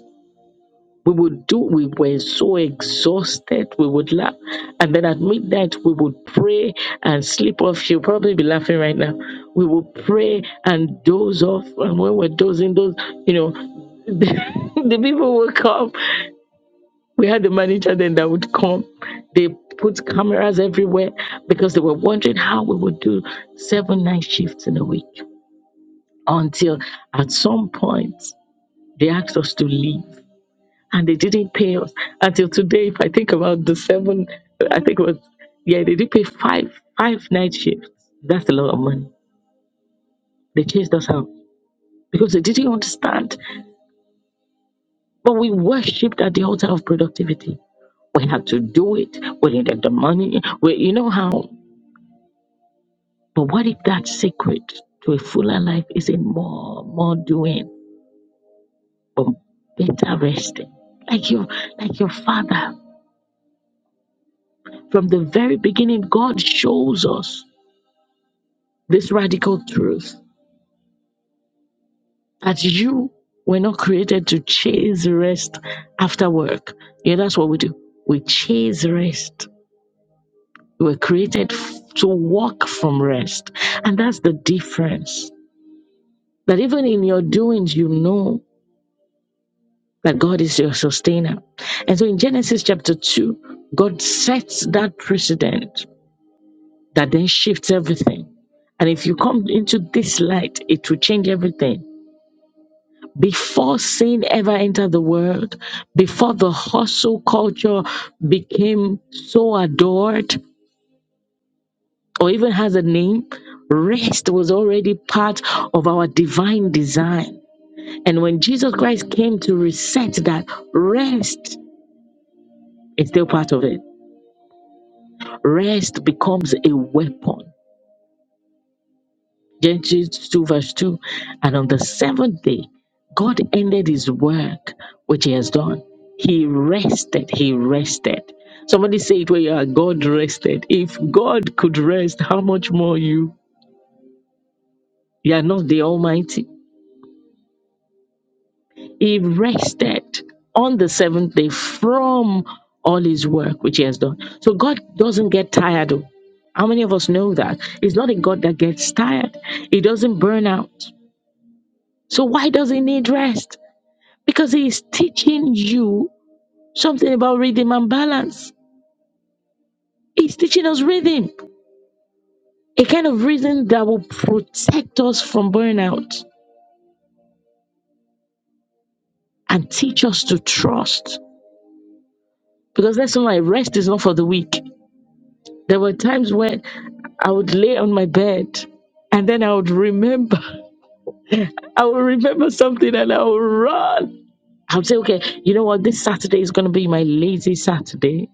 we would do, we were so exhausted, we would laugh. And then at midnight, we would pray and sleep off. You'll probably be laughing right now. We would pray and doze off. And when we're dozing, those, you know, the, the people would come. We had the manager then that would come. They put cameras everywhere because they were wondering how we would do seven night shifts in a week until at some point they asked us to leave and they didn't pay us until today. If I think about the seven, I think it was yeah, they did pay five five night shifts. That's a lot of money. They chased us out because they didn't understand. But we worshipped at the altar of productivity. We had to do it. We needed the money. We, you know how. But what if that secret to a fuller life is in more more doing, but better resting? Like your like your father. From the very beginning, God shows us. this radical truth that you were not created to chase rest after work. Yeah, that's what we do. We chase rest. We were created f- to walk from rest. And that's the difference. That even in your doings, you know that God is your sustainer. And so in Genesis chapter 2, God sets that precedent that then shifts everything. And if you come into this light, it will change everything before sin ever entered the world, before the hustle culture became so adored or even has a name, rest was already part of our divine design. And when Jesus Christ came to reset that, rest is still part of it. Rest becomes a weapon. Genesis 2, verse 2. And on the seventh day, God ended his work which he has done. He rested. He rested. Somebody say it where you are. God rested. If God could rest, how much more you? You are not the Almighty. He rested on the seventh day from all his work which he has done. So God doesn't get tired. oh. How many of us know that? He's not a God that gets tired, he doesn't burn out. So why does he need rest? because he's teaching you something about rhythm and balance. He's teaching us rhythm, a kind of rhythm that will protect us from burnout and teach us to trust. Because that's why rest is not for the weak. There were times when I would lay on my bed and then I would remember, I would remember something and I would run. I would say, okay, you know what? This Saturday is going to be my lazy Saturday.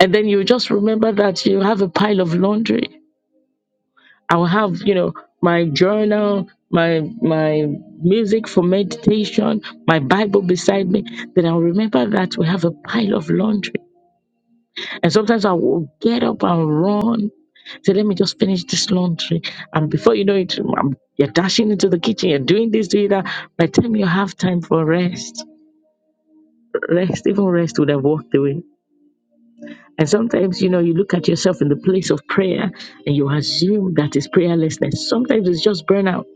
And then you just remember that you have a pile of laundry I'll have, you know, my journal, my my music for meditation, my Bible beside me. Then I'll remember that we have a pile of laundry. And sometimes I will get up and run. Say, let me just finish this laundry. And before you know it, um, you're dashing into the kitchen, you're doing this, doing that. By the time you have time for rest, rest, even rest would have walked away. And sometimes, you know, you look at yourself in the place of prayer and you assume that is prayerlessness. Sometimes it's just burnout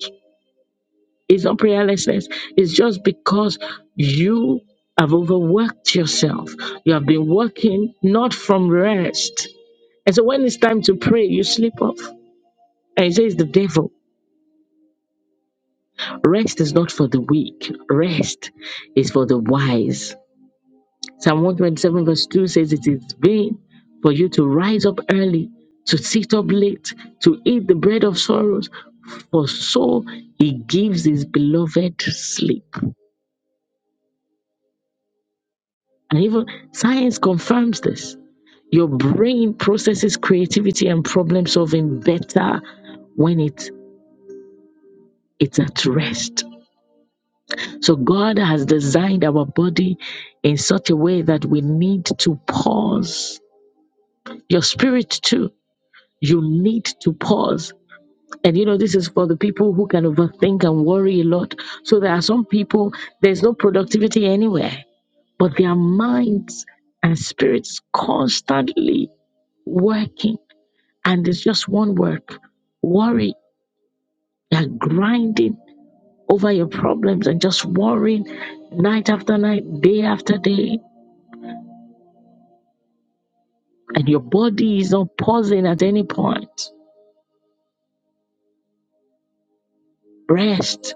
It's not prayerlessness. It's just because you have overworked yourself. You have been working not from rest. And so when it's time to pray, you sleep off. And he says, the devil, rest is not for the weak, rest is for the wise. Psalm 127, verse 2 says, It is vain for you to rise up early, to sit up late, to eat the bread of sorrows, for so he gives his beloved sleep. And even science confirms this. Your brain processes creativity and problem solving better when it it's at rest. So God has designed our body in such a way that we need to pause. Your spirit too. You need to pause. And you know, this is for the people who can overthink and worry a lot. So there are some people, there's no productivity anywhere, but their minds and spirits constantly working and it's just one word worry You're grinding over your problems and just worrying night after night day after day and your body is not pausing at any point rest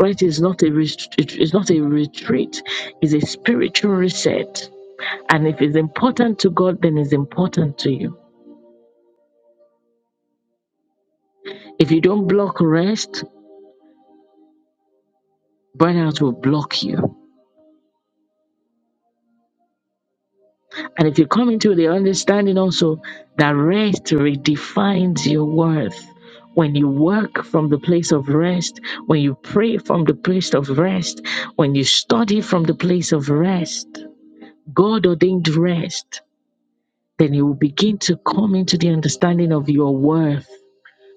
rest is not a ret- it- it's not a retreat it's a spiritual reset and if it's important to god then it's important to you if you don't block rest burnout will block you And if you come into the understanding also that rest redefines your worth, when you work from the place of rest, when you pray from the place of rest, when you study from the place of rest, God ordained rest, then you will begin to come into the understanding of your worth.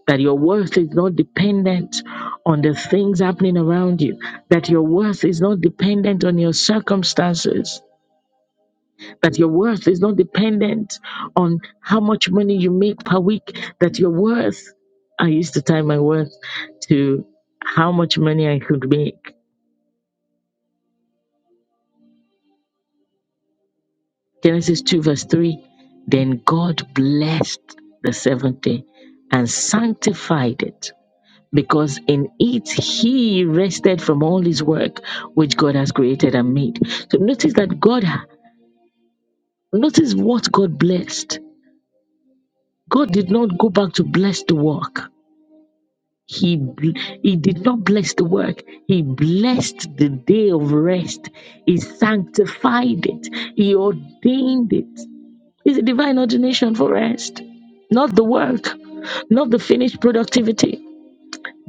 That your worth is not dependent on the things happening around you, that your worth is not dependent on your circumstances, that your worth is not dependent on how much money you make per week, that your worth, I used to tie my worth to how much money I could make. Genesis 2, verse 3 Then God blessed the seventh day and sanctified it. Because in it he rested from all his work which God has created and made. So notice that God, notice what God blessed. God did not go back to bless the work. He, bl- he did not bless the work. He blessed the day of rest. He sanctified it. He ordained it. It's a divine ordination for rest, not the work, not the finished productivity.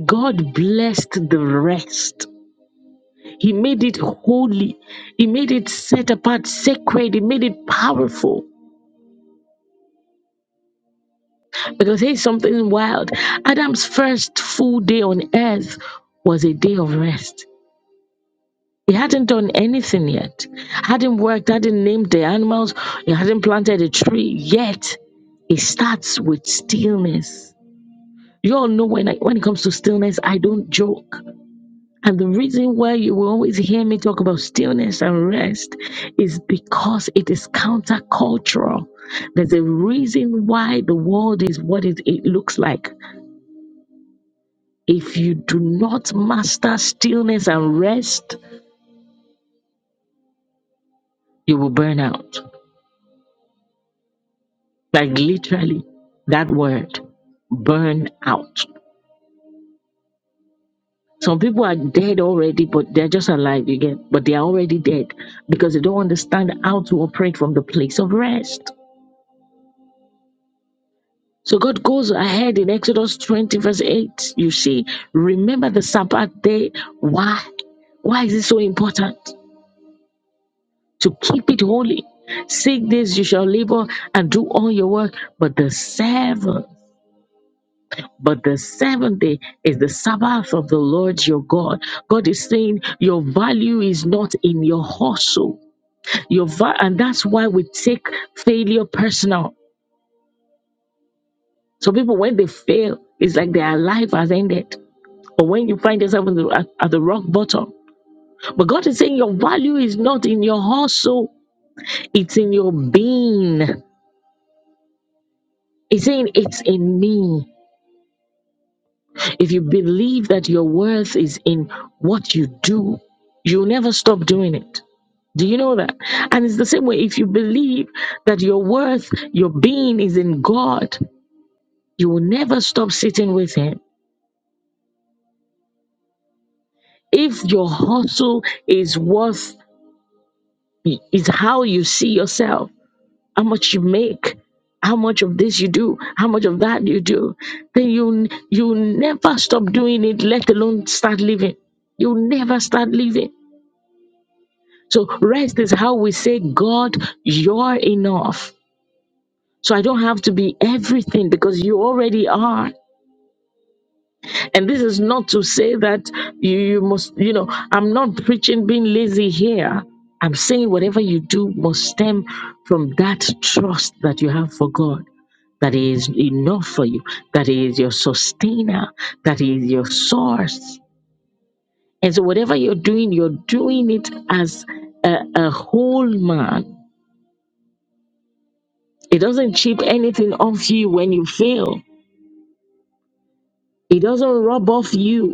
God blessed the rest. He made it holy. He made it set apart, sacred. He made it powerful. Because here's something wild Adam's first full day on earth was a day of rest. He hadn't done anything yet. Hadn't worked, hadn't named the animals, he hadn't planted a tree yet. It starts with stillness. You all know when I, when it comes to stillness, I don't joke. And the reason why you will always hear me talk about stillness and rest is because it is countercultural. There's a reason why the world is what it, it looks like. If you do not master stillness and rest, you will burn out. Like literally, that word, burn out. Some people are dead already, but they're just alive again, but they are already dead because they don't understand how to operate from the place of rest. So God goes ahead in Exodus 20, verse 8. You see, remember the Sabbath day. Why? Why is it so important? To keep it holy. Six days you shall labor and do all your work, but the seventh. But the seventh day is the Sabbath of the Lord your God. God is saying your value is not in your hustle. Your va- and that's why we take failure personal. So people, when they fail, it's like their life has ended. Or when you find yourself in the, at, at the rock bottom. But God is saying your value is not in your hustle, it's in your being. He's saying it's in me. If you believe that your worth is in what you do, you'll never stop doing it. Do you know that? And it's the same way if you believe that your worth, your being is in God, you will never stop sitting with Him. If your hustle is worth, is how you see yourself, how much you make, how much of this you do, how much of that you do, then you you never stop doing it, let alone start living. you never start living. So rest is how we say, God, you're enough. So I don't have to be everything because you already are. And this is not to say that you, you must, you know, I'm not preaching being lazy here. I'm saying whatever you do must stem from that trust that you have for God, that He is enough for you, that He is your sustainer, that He is your source. And so whatever you're doing, you're doing it as a, a whole man. It doesn't chip anything off you when you fail. It doesn't rub off you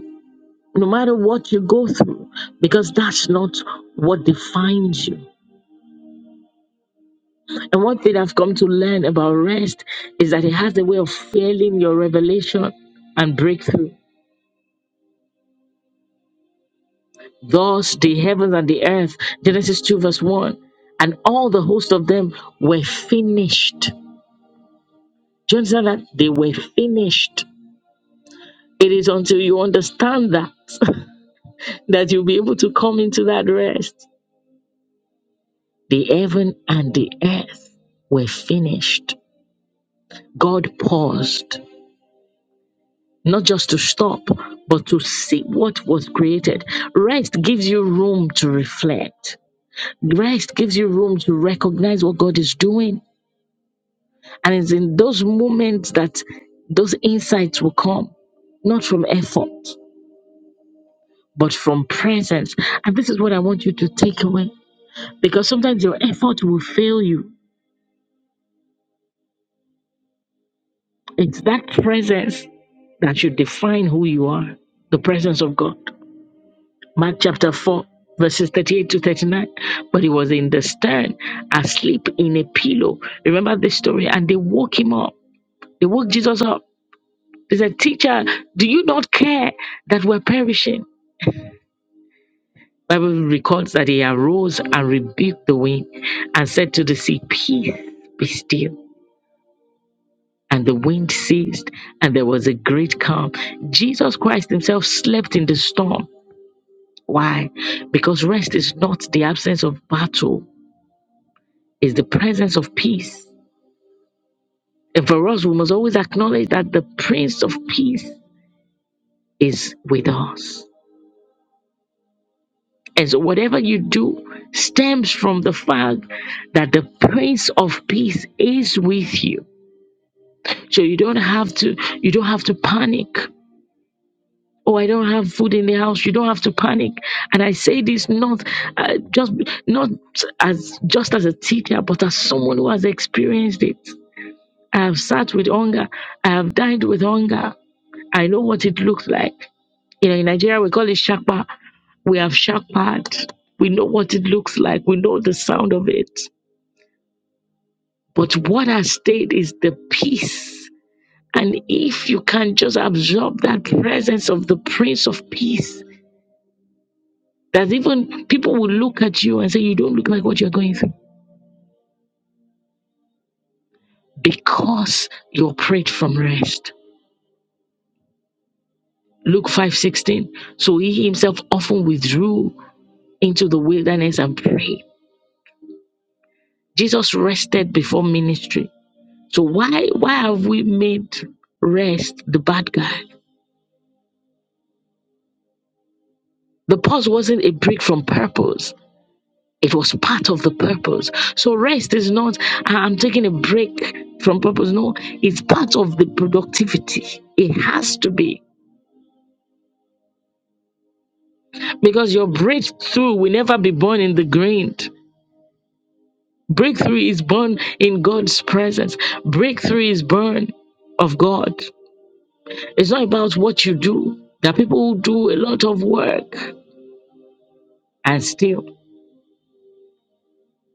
no matter what you go through, because that's not what defines you. And one thing I've come to learn about rest is that it has a way of failing your revelation and breakthrough. Thus, the heavens and the earth, Genesis 2, verse 1, and all the host of them were finished. Do you understand that? They were finished. It is until you understand that that you'll be able to come into that rest. The heaven and the earth were finished. God paused not just to stop, but to see what was created. Rest gives you room to reflect. Rest gives you room to recognize what God is doing. And it's in those moments that those insights will come, not from effort, but from presence. And this is what I want you to take away because sometimes your effort will fail you. It's that presence that should define who you are the presence of God. Mark chapter 4, verses 38 to 39. But he was in the stern, asleep in a pillow. Remember this story? And they woke him up. They woke Jesus up. They said, Teacher, do you not care that we're perishing? Bible records that he arose and rebuked the wind and said to the sea, Peace, be still. And the wind ceased, and there was a great calm. Jesus Christ himself slept in the storm. Why? Because rest is not the absence of battle, is the presence of peace. And for us, we must always acknowledge that the Prince of Peace is with us. And so, whatever you do stems from the fact that the Prince of Peace is with you. So you don't have to you don't have to panic. Oh, I don't have food in the house. You don't have to panic. And I say this not uh, just not as just as a teacher, but as someone who has experienced it. I have sat with hunger. I have dined with hunger. I know what it looks like. You know, in Nigeria, we call it shakpa. We have shakpad. We know what it looks like. We know the sound of it. But what has stayed is the peace. And if you can just absorb that presence of the Prince of Peace, that even people will look at you and say, You don't look like what you're going through because you prayed from rest. Luke 5:16. So he himself often withdrew into the wilderness and prayed. Jesus rested before ministry. So why why have we made rest the bad guy? The pause wasn't a break from purpose. It was part of the purpose. So rest is not "Ah, I'm taking a break from purpose. No, it's part of the productivity. It has to be because your breakthrough will never be born in the grind. Breakthrough is born in God's presence. Breakthrough is born of God. It's not about what you do. There are people who do a lot of work and still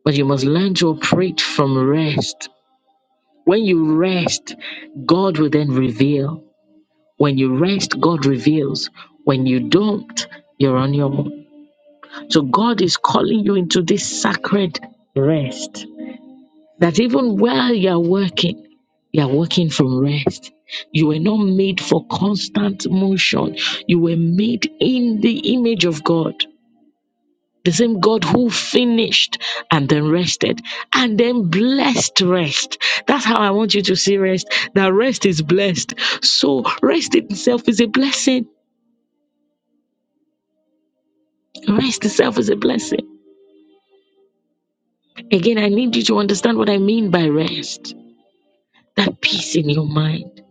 But you must learn to operate from rest. When you rest, God will then reveal. When you rest, God reveals. When you don't, you're on your own. So God is calling you into this sacred rest. That even while you're working, you're working from rest. You were not made for constant motion. You were made in the image of God. The same God who finished and then rested and then blessed rest. That's how I want you to see rest. That rest is blessed. So rest itself is a blessing. Rest itself is a blessing. Again, I need you to understand what I mean by rest. That peace in your mind.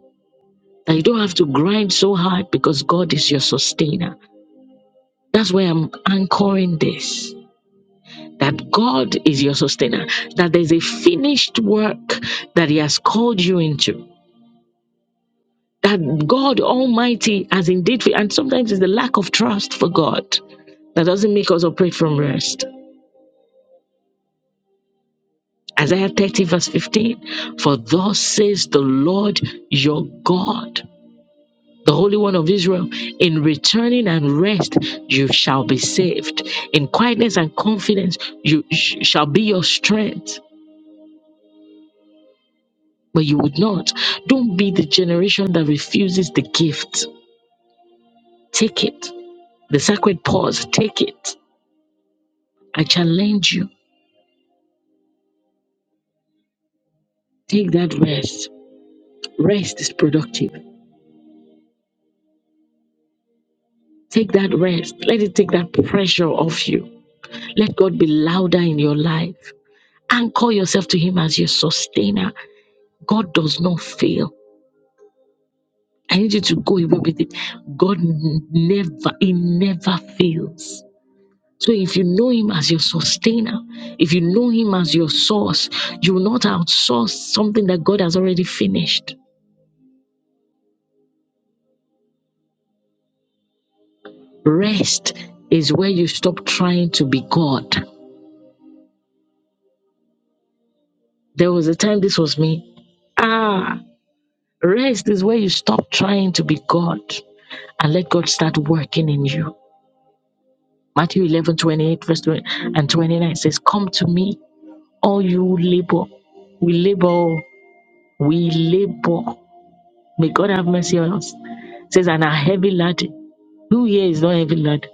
That you don't have to grind so hard because God is your sustainer. That's why I'm anchoring this. That God is your sustainer, that there's a finished work that He has called you into that God Almighty has indeed, and sometimes it's the lack of trust for God that doesn't make us operate from rest. Isaiah 30, verse 15 For thus says the Lord your God, the Holy One of Israel, in returning and rest you shall be saved. In quietness and confidence you sh- shall be your strength, but you would not. Don't be the generation that refuses the gift. Take it. The sacred pause, take it. I challenge you. Take that rest. Rest is productive. Take that rest. Let it take that pressure off you. Let God be louder in your life. Anchor yourself to Him as your sustainer. God does not fail. I need you to go away with it. God n- never, He never fails. So if you know Him as your sustainer, if you know Him as your source, you will not outsource something that God has already finished. Rest is where you stop trying to be God There was a time this was me. Ah, rest is where you stop trying to be God and let God start working in you. Matthew eleven twenty eight verse 20 and 29 says, Come to me, all you labor. We labor, oh. we labor. May God have mercy on us. It says, And a heavy laden. Who here is not heavy laden?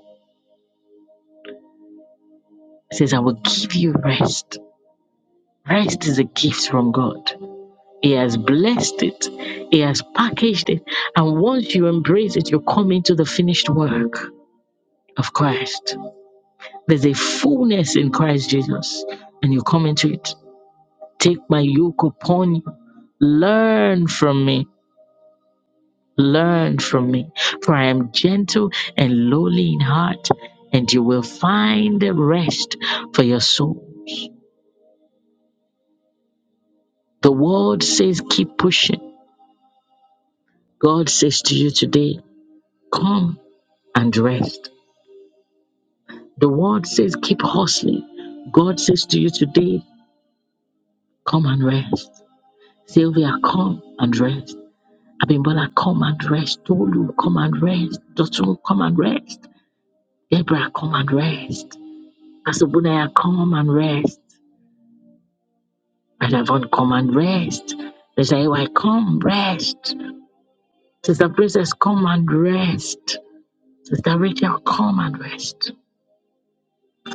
It says, I will give you rest. Rest is a gift from God. He has blessed it. He has packaged it. And once you embrace it, you come into the finished work of Christ. There's a fullness in Christ Jesus, and you come into it. Take my yoke upon you. Learn from me. Learn from me. For I am gentle and lowly in heart, and you will find rest for your souls. The world says, keep pushing. God says to you today, come and rest. The word says, keep hustling. God says to you today, come and rest. Sylvia, come and rest. Abimbola, come and rest. Tolu, come and rest. Dotun, come and rest. Deborah, come and rest. Asubunaya, come and rest. Radavon, come and rest. Desaiwai, come rest. Sister Princess, come and rest. Sister Rachel, come and rest.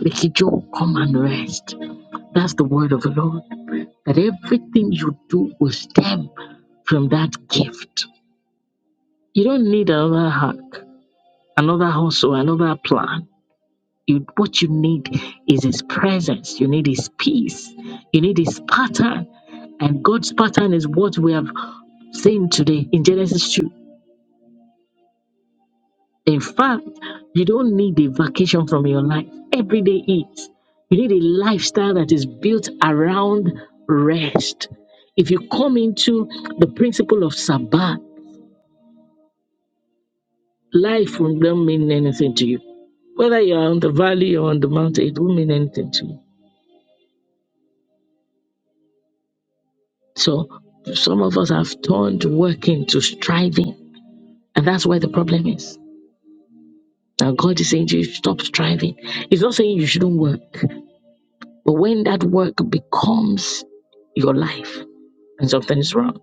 Vicky come and rest. That's the word of the Lord. That everything you do will stem from that gift. You don't need another hack, another hustle, another plan. You, what you need is His presence. You need His peace. You need His pattern. And God's pattern is what we have seen today in Genesis 2. In fact, you don't need a vacation from your life. Every day is. You need a lifestyle that is built around rest. If you come into the principle of Sabbath, Life will don't mean anything to you. Whether you're on the valley or on the mountain, it won't mean anything to you. So some of us have turned working to striving. And that's where the problem is. Now God is saying to you, stop striving. He's not saying you shouldn't work. But when that work becomes your life, and something is wrong.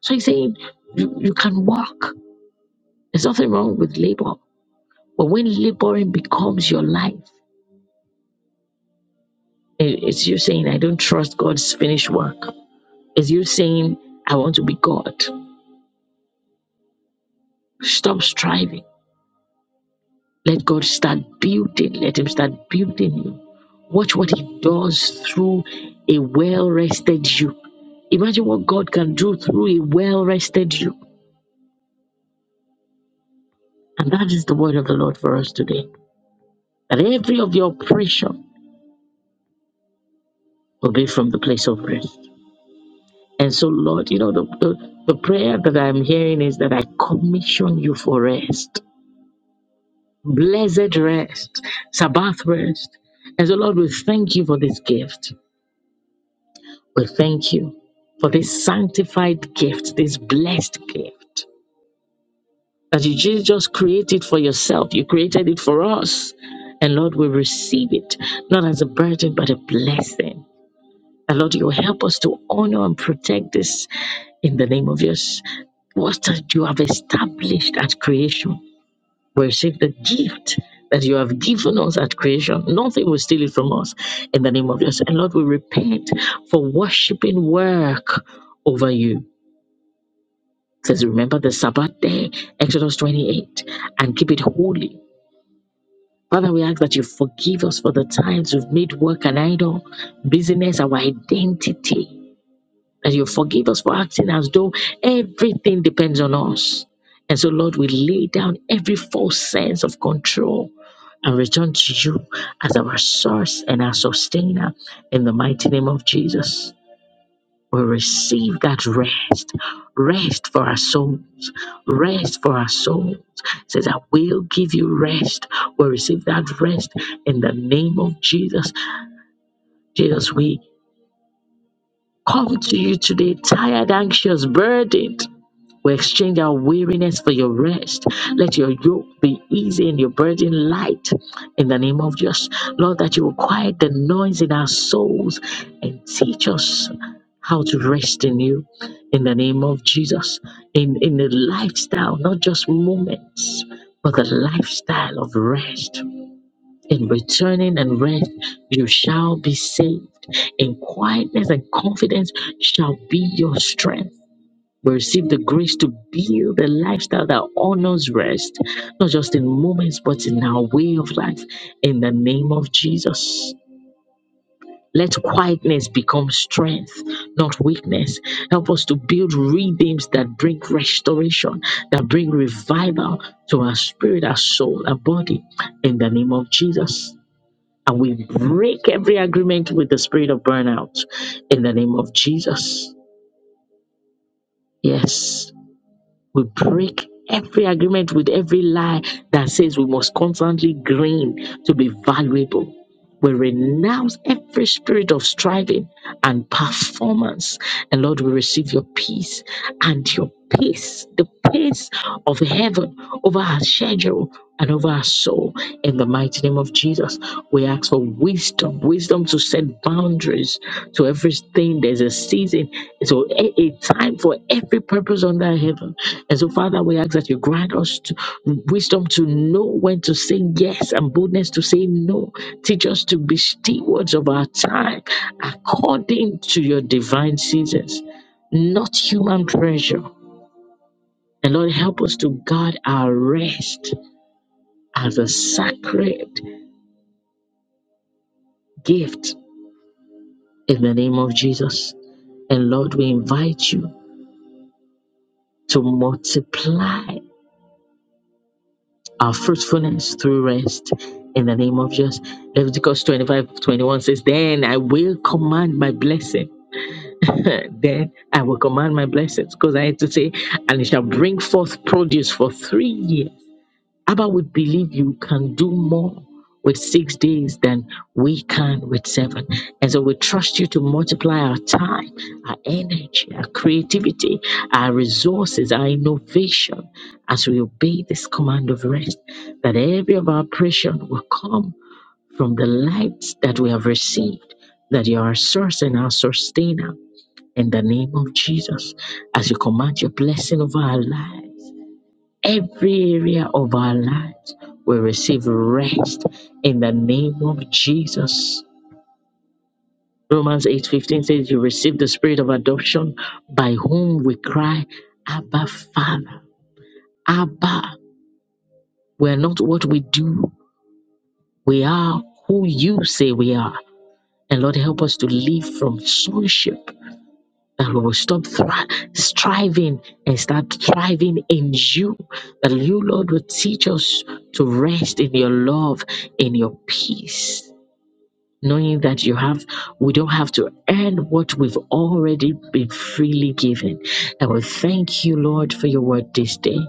So he's saying you, you can work. There's nothing wrong with labor. But when laboring becomes your life, it- it's you saying, I don't trust God's finished work. Is you saying, I want to be God? Stop striving. Let God start building. Let Him start building you. Watch what He does through a well rested you. Imagine what God can do through a well rested you. And that is the word of the Lord for us today. That every of your pressure will be from the place of rest. And so, Lord, you know, the, the, the prayer that I'm hearing is that I commission you for rest. blessed rest, Sabbath rest. And so, Lord, we thank you for this gift. We thank you for this sanctified gift, this blessed gift that you ju- just created for yourself. You created it for us. And Lord, we receive it not as a burden, but a blessing. And Lord, you help us to honor and protect this in the name of yours, What you have established at creation. Worship the gift that you have given us at creation. Nothing will steal it from us in the name of Jesus. And Lord, we repent for worshiping work over you. It says, remember the Sabbath day, Exodus 28, and keep it holy. Father, we ask that you forgive us for the times we've made work an idol, business, our identity. And you forgive us for acting as though everything depends on us. And so, Lord, we lay down every false sense of control and return to you as our source and our sustainer in the mighty name of Jesus. We receive that rest, rest for our souls, rest for our souls. It says, I will give you rest. We receive that rest in the name of Jesus. Jesus, we come to you today, tired, anxious, burdened We exchange our weariness for your rest. Let your yoke be easy and your burden light. In the name of Jesus, Lord, that you will quiet the noise in our souls and teach us how to rest in you. In the name of Jesus, in in the lifestyle, not just moments, but the lifestyle of rest. In returning and rest, you shall be saved. In quietness and confidence shall be your strength we receive the grace to build a lifestyle that honors rest, not just in moments, but in our way of life. In the name of Jesus. Let quietness become strength, not weakness. Help us to build rhythms that bring restoration, that bring revival to our spirit, our soul, our body. In the name of Jesus. And we break every agreement with the spirit of burnout. In the name of Jesus. Yes. We break every agreement with every lie that says we must constantly glean to be valuable. We renounce every spirit of striving and performance. And Lord, we receive your peace and your peace, the peace of heaven over our schedule and over our soul. In the mighty name of Jesus, we ask for wisdom, wisdom to set boundaries to everything. There's a season, so a, a time for every purpose under heaven. And so, Father, we ask that you grant us to, wisdom to know when to say yes and boldness to say no. Teach us to be stewards of our time according to your divine seasons, not human pressure. And Lord, help us to guard our rest as a sacred gift in the name of Jesus. And Lord, we invite you to multiply our fruitfulness through rest in the name of Jesus. Leviticus twenty-five twenty-one says, Then I will command my blessing. then I will command my blessings because I had to say, and it shall bring forth produce for three years Abba, we believe you can do more with six days than we can with seven. And so we trust you to multiply our time, our energy, our creativity, our resources, our innovation as we obey this command of rest, that every of our operation will come from the light that we have received, that you are our source and our sustainer. In the name of Jesus, as you command your blessing over our lives every area of our lives will receive rest in the name of Jesus. Romans 8:15 says you receive the spirit of adoption by whom we cry Abba Father. Abba. We are not what we do. We are who you say we are. And Lord help us to live from sonship that we will stop thri- striving and start thriving in you. That you, Lord, will teach us to rest in your love, in your peace knowing that you have we don't have to earn what we've already been freely given and we thank you lord for your word this day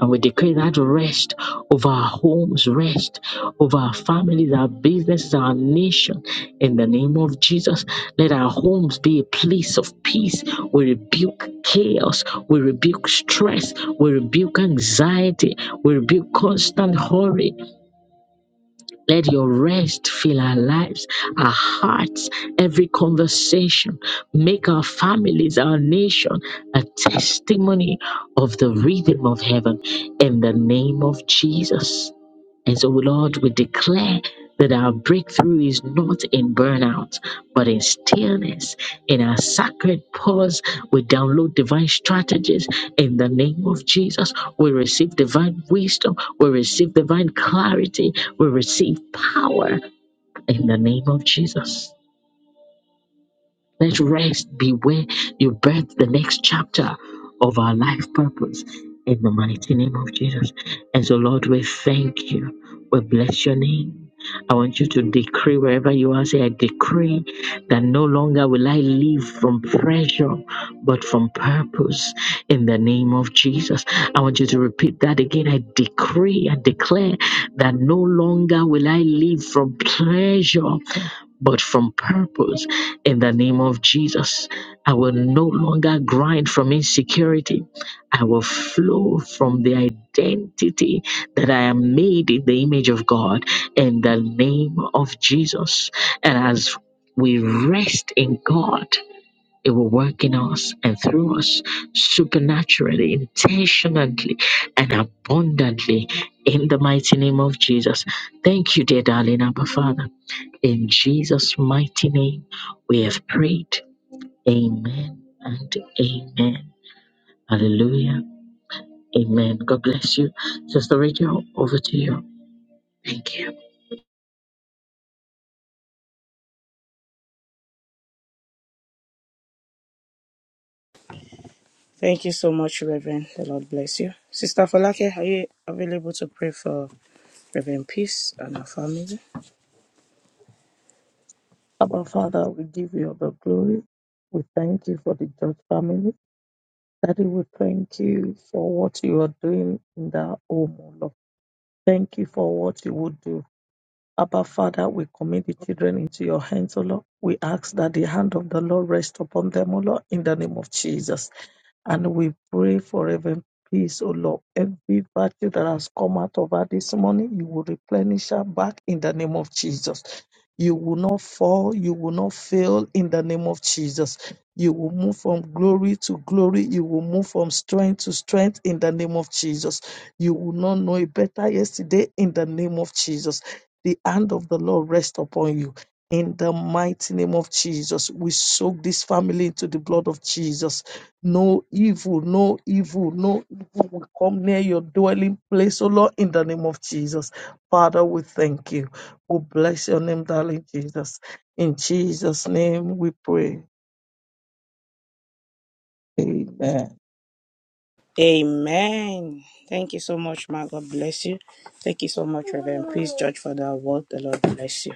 and we decree that rest over our homes, rest over our families, our businesses, our nation. In the name of Jesus, let our homes be a place of peace. We rebuke chaos. We rebuke stress. We rebuke anxiety. We rebuke constant hurry let your rest fill our lives, our hearts, every conversation. Make our families, our nation, a testimony of the rhythm of heaven in the name of Jesus. And so, Lord, we declare that our breakthrough is not in burnout, but in stillness. In our sacred pause, we download divine strategies in the name of Jesus. We receive divine wisdom. We receive divine clarity. We receive power in the name of Jesus. Let's rest, be where you birth the next chapter of our life purpose in the mighty name of Jesus. And so, Lord, we thank you. We bless your name. I want you to decree wherever you are, say, I decree that no longer will I live from pressure, but from purpose in the name of Jesus. I want you to repeat that again. I decree, and declare that no longer will I live from pleasure, but from purpose. In the name of Jesus, I will no longer grind from insecurity. I will flow from the identity that I am made in the image of God in the name of Jesus. And as we rest in God, it will work in us and through us supernaturally, intentionally, and abundantly in the mighty name of Jesus. Thank you, dear darling Abba Father. In Jesus' mighty name, we have prayed. Amen and amen. Hallelujah. Amen. God bless you. Sister Rachel, over to you. Thank you. Thank you so much, Reverend. The Lord bless you. Sister Falake, are you available to pray for Reverend Peace and her family? Abba Father, we give you all the glory. We thank you for the George family. Daddy, we thank you for what you are doing in their home, O Lord. Thank you for what you would do. Abba, Father, we commit the children into your hands, O Lord. We ask that the hand of the Lord rest upon them, O Lord, in the name of Jesus. And we pray for even peace, O Lord. Every virtue that has come out of her this morning, you will replenish her back in the name of Jesus. You will not fall. You will not fail in the name of Jesus. You will move from glory to glory. You will move from strength to strength in the name of Jesus. You will not know a better yesterday in the name of Jesus. The hand of the Lord rest upon you. In the mighty name of Jesus, we soak this family into the blood of Jesus. No evil, no evil, no evil will come near your dwelling place, O Lord, in the name of Jesus. Father, we thank you. We bless your name, darling Jesus. In Jesus' name we pray. Amen. Amen. Thank you so much, ma. God bless you. Thank you so much, Reverend Peace, George, for that word. The Lord bless you.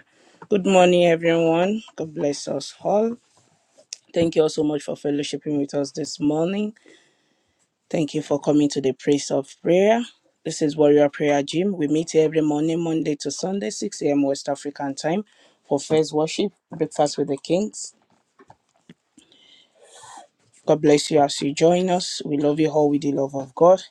Good morning, everyone. God bless us all. Thank you all so much for fellowshipping with us this morning. Thank you for coming to the place of prayer. This is Warrior Prayer Gym. We meet here every morning, Monday to Sunday, 6 a.m. West African time for first worship, breakfast with the kings. God bless you as you join us. We love you all with the love of God.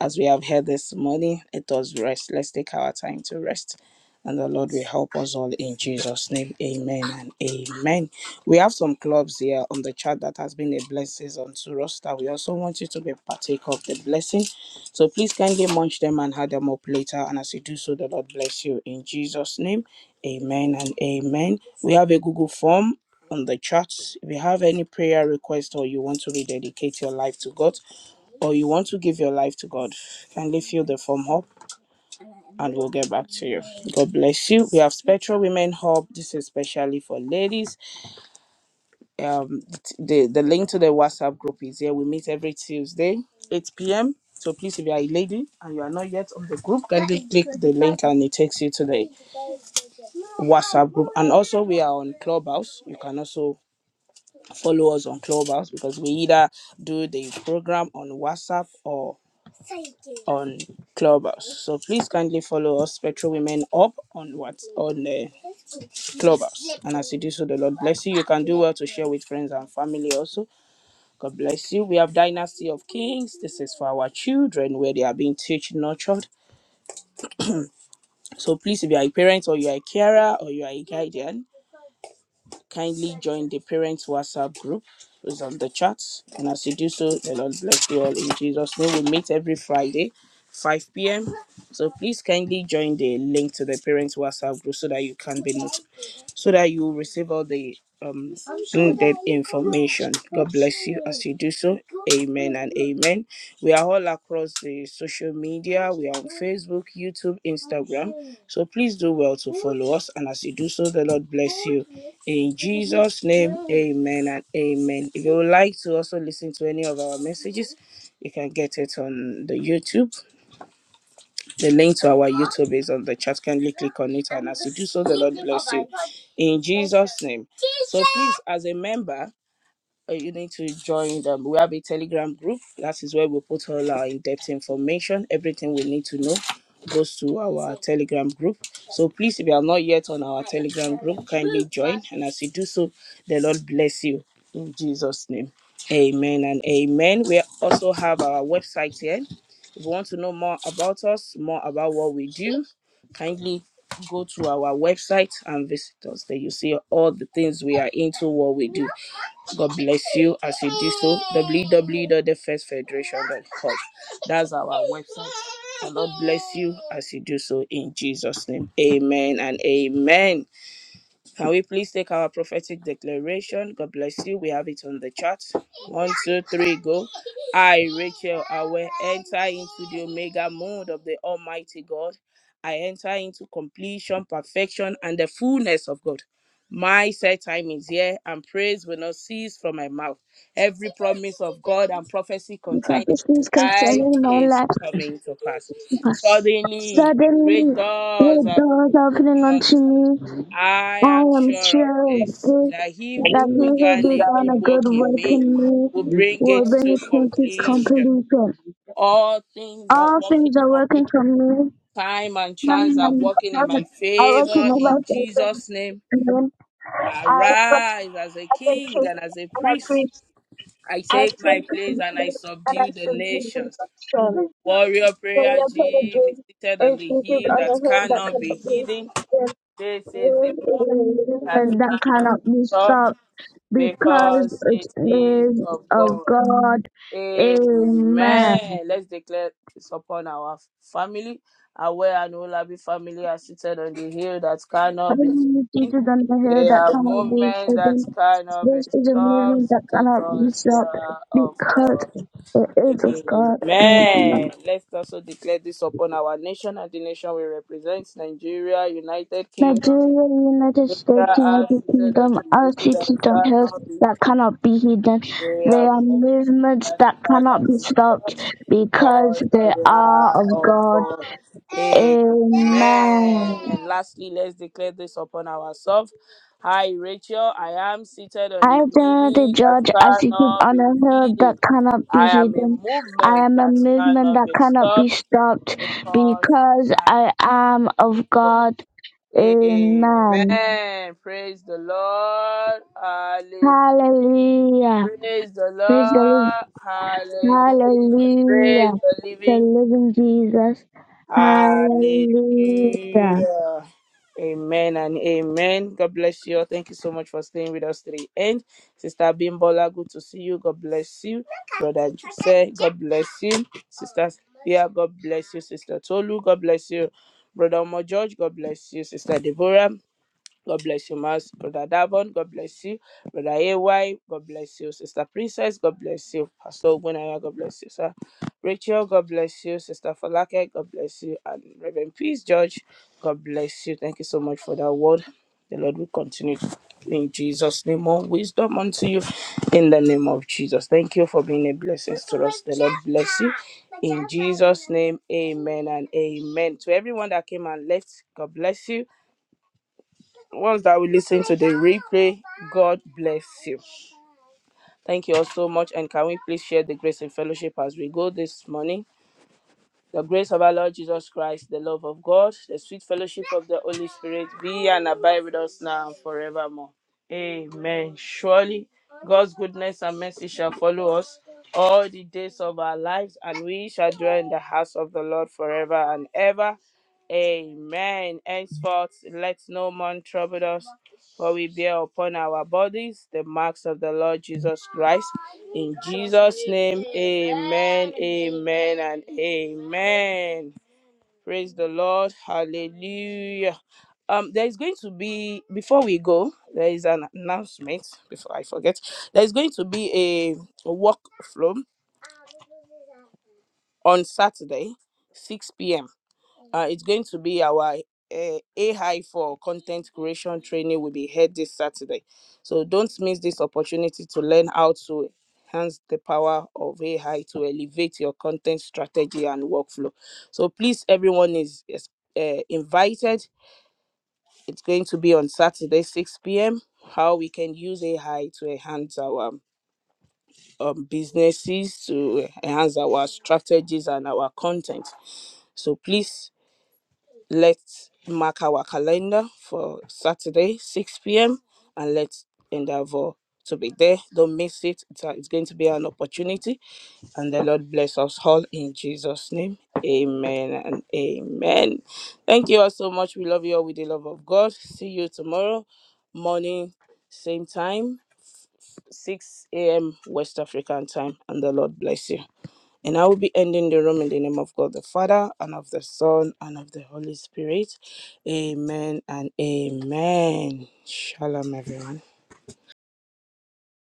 As we have heard this morning, it does rest. Let's take our time to rest. And the Lord will help us all in Jesus' name. Amen and amen. We have some clubs here on the chat that has been a blessing unto us that we also want you to be partake of the blessing. So please kindly munch them and add them up later. And as you do so, the Lord bless you in Jesus' name. Amen and amen. We have a Google form on the chat. If you have any prayer request or you want to rededicate your life to God, or you want to give your life to God, kindly fill the form up and we'll get back to you. God bless you. We have Spectral Women Hub. This is especially for ladies. Um, the, the link to the WhatsApp group is here. We meet every Tuesday, 8 p.m. So please, if you are a lady and you are not yet on the group, kindly click the link and it takes you to the WhatsApp group. And also, we are on Clubhouse. You can also follow us on Clubhouse because we either do the program on WhatsApp or on Clubhouse. So please kindly follow us, Spectral Women Up, on what on uh, Nancy do. So the Lord bless you. You can do well to share with friends and family also. God bless you. We have Dynasty of Kings. This is for our children where they are being teach nurtured. So please, if you are a parent or you are a carer or you are a guardian, Kindly join the parents WhatsApp group who's on the chat. And as you do so, the Lord bless you all in Jesus' name. We meet every Friday, 5 p.m. So please kindly join the link to the parents WhatsApp group so that you can so that you receive all the um to do so. Amen. We are all across the social media. We are on Facebook, YouTube, Instagram. So please do well to follow us. And as you do so, the Lord bless. you. Amen and amen. If you would like to also listen to any of our messages, you can get it on the YouTube. The link to our YouTube is on the chat. Kindly click on it. In Jesus' name. So Please, as a member, uh, you need to join them. We have a Telegram group. That is where we put all our in-depth information. Everything we need to know goes to our Telegram group. So please, if you are not yet on our, as you do so, the Lord bless you in Jesus' name. Amen and amen. We also have our website here. If you want to know more about us, more about what we do, kindly go to our website and visit us. There you see all the things we are into, what we do. God bless you as you do the First Federation Church. That's our as you do so in Jesus' name. Amen and amen. Can we please take our prophetic declaration? God bless you. We have it on the chat. One, two, three, go. I, Rachel, I will enter into the omega mode of the Almighty God. I enter into completion, perfection, and the fullness of God. My set time is here, and praise will not cease from my mouth. Every promise of God and prophecy concerning prophecies my life concerning my is life coming to pass. pass. Suddenly, great Suddenly, doors the are doors opening unto unto me. me. I I am am sure of sure of this, this, that he who that he who began a began a good good work in work in me will me bring will it to bring it into completion. completion. All things are All things working are for me. working for me. Time and chance are Um, working in my I work with favor. my life In Jesus' agents, name, and then I work arise as a as a king kid, and as a and I preach, priest. I I take think, my and place and I and I subdue the should give them nations. strength. Warrior So prayer, we play the G, is game seated on is the seated hill on a that hill that cannot cannot be be hidden. the This is a world movement a that movement that cannot cannot be be stopped stopped because because it it is is of of God. God. Amen. Amen. Let's declare this upon our family. Aware and Olabi family are seated on the hill that cannot be Heaven is seen. deeper than the hair They that are cannot be movement that hidden. cannot be This is a movement stopped that cannot be because they stopped are of because God. it is of God and Amen. man. Let's also declare this upon our nation and the nation we represent, Nigeria, United Kingdom, Nigeria, United their States, eyes United seated on Kingdom the are hill that cities on hills cannot be. that cannot be hidden. They They are are moved movements that that cannot cannot be be stopped touched because because they they are are of of God. God. Amen. Amen. And lastly, let's declare this upon ourselves. Hi, Rachel. I am seated on a I adore the hill that judge as he stood cannot be on a hill hidden. that cannot be I am a hidden. I movement am a that movement cannot that be cannot be stopped stopped because because I am I am of God. God. Amen. Amen. Praise the Lord. Hallelujah. Praise the Praise the Lord. Lord. Hallelujah. Hallelujah. Praise the The living. living Jesus. Hallelujah. Hallelujah. Amen and amen. God bless you all. Thank you so much for staying with us to the end. Sister Bimbola, good to see you. God bless you. Brother Jose, God bless you. Sister Sophia, God bless you. Sister Tolu, God bless you. Brother Omo George, God bless you. Sister Deborah, God bless you, Mas. Brother Davon, God bless you. Brother AY, God bless you. Sister Princess, God bless you. Pastor Ogunaya, God bless you, sir. Rachel, God bless you. Sister Falake, God bless you. And Reverend Peace George, God bless you. Thank you so much for that word. The Lord will continue in Jesus' name. More wisdom unto you in the name of Jesus. Thank you for being a blessing to us. The Lord bless you. In Jesus' name, amen and amen. To everyone that came and left, God bless you ones that will listen to the replay, God bless you. Thank you all so much. And can we please share the grace and fellowship as we go this morning? The grace of our Lord Jesus Christ, the love of God, the sweet fellowship of the Holy Spirit be and abide with us now and forevermore. Amen. Surely God's goodness and mercy shall follow us all the days of our lives, and we shall dwell in the house of the Lord forever and ever. Amen. Henceforth, let no man trouble us, for we bear upon our bodies the marks of the Lord Jesus Christ. In Jesus' name, amen. Amen and amen. Praise the Lord. Hallelujah. Um, there is going to be before we go, there is an announcement before I forget. There is going to be a workflow on Saturday, 6 p.m. Uh, it's going to be our uh, AI for content creation training will be held this Saturday. So don't miss this opportunity to learn how to enhance the power of AI to elevate your content strategy and workflow. So please, everyone is, is uh, invited. It's going to be on Saturday, 6 p.m. How we can use AI to enhance our um, businesses, to enhance our strategies and our content. So please Let's mark our calendar for Saturday, 6 p.m., and let's endeavor to be there. Don't miss it. It's, a- it's going to be an opportunity. And the Lord bless us all in Jesus' name. Amen and amen. Thank you all so much. We love you all with the love of God. See you tomorrow morning, same time, 6 a.m. West African time. And the Lord bless you. And I will be ending the room in the name of God the Father, and of the Son, and of the Holy Spirit. Amen and amen. Shalom, everyone.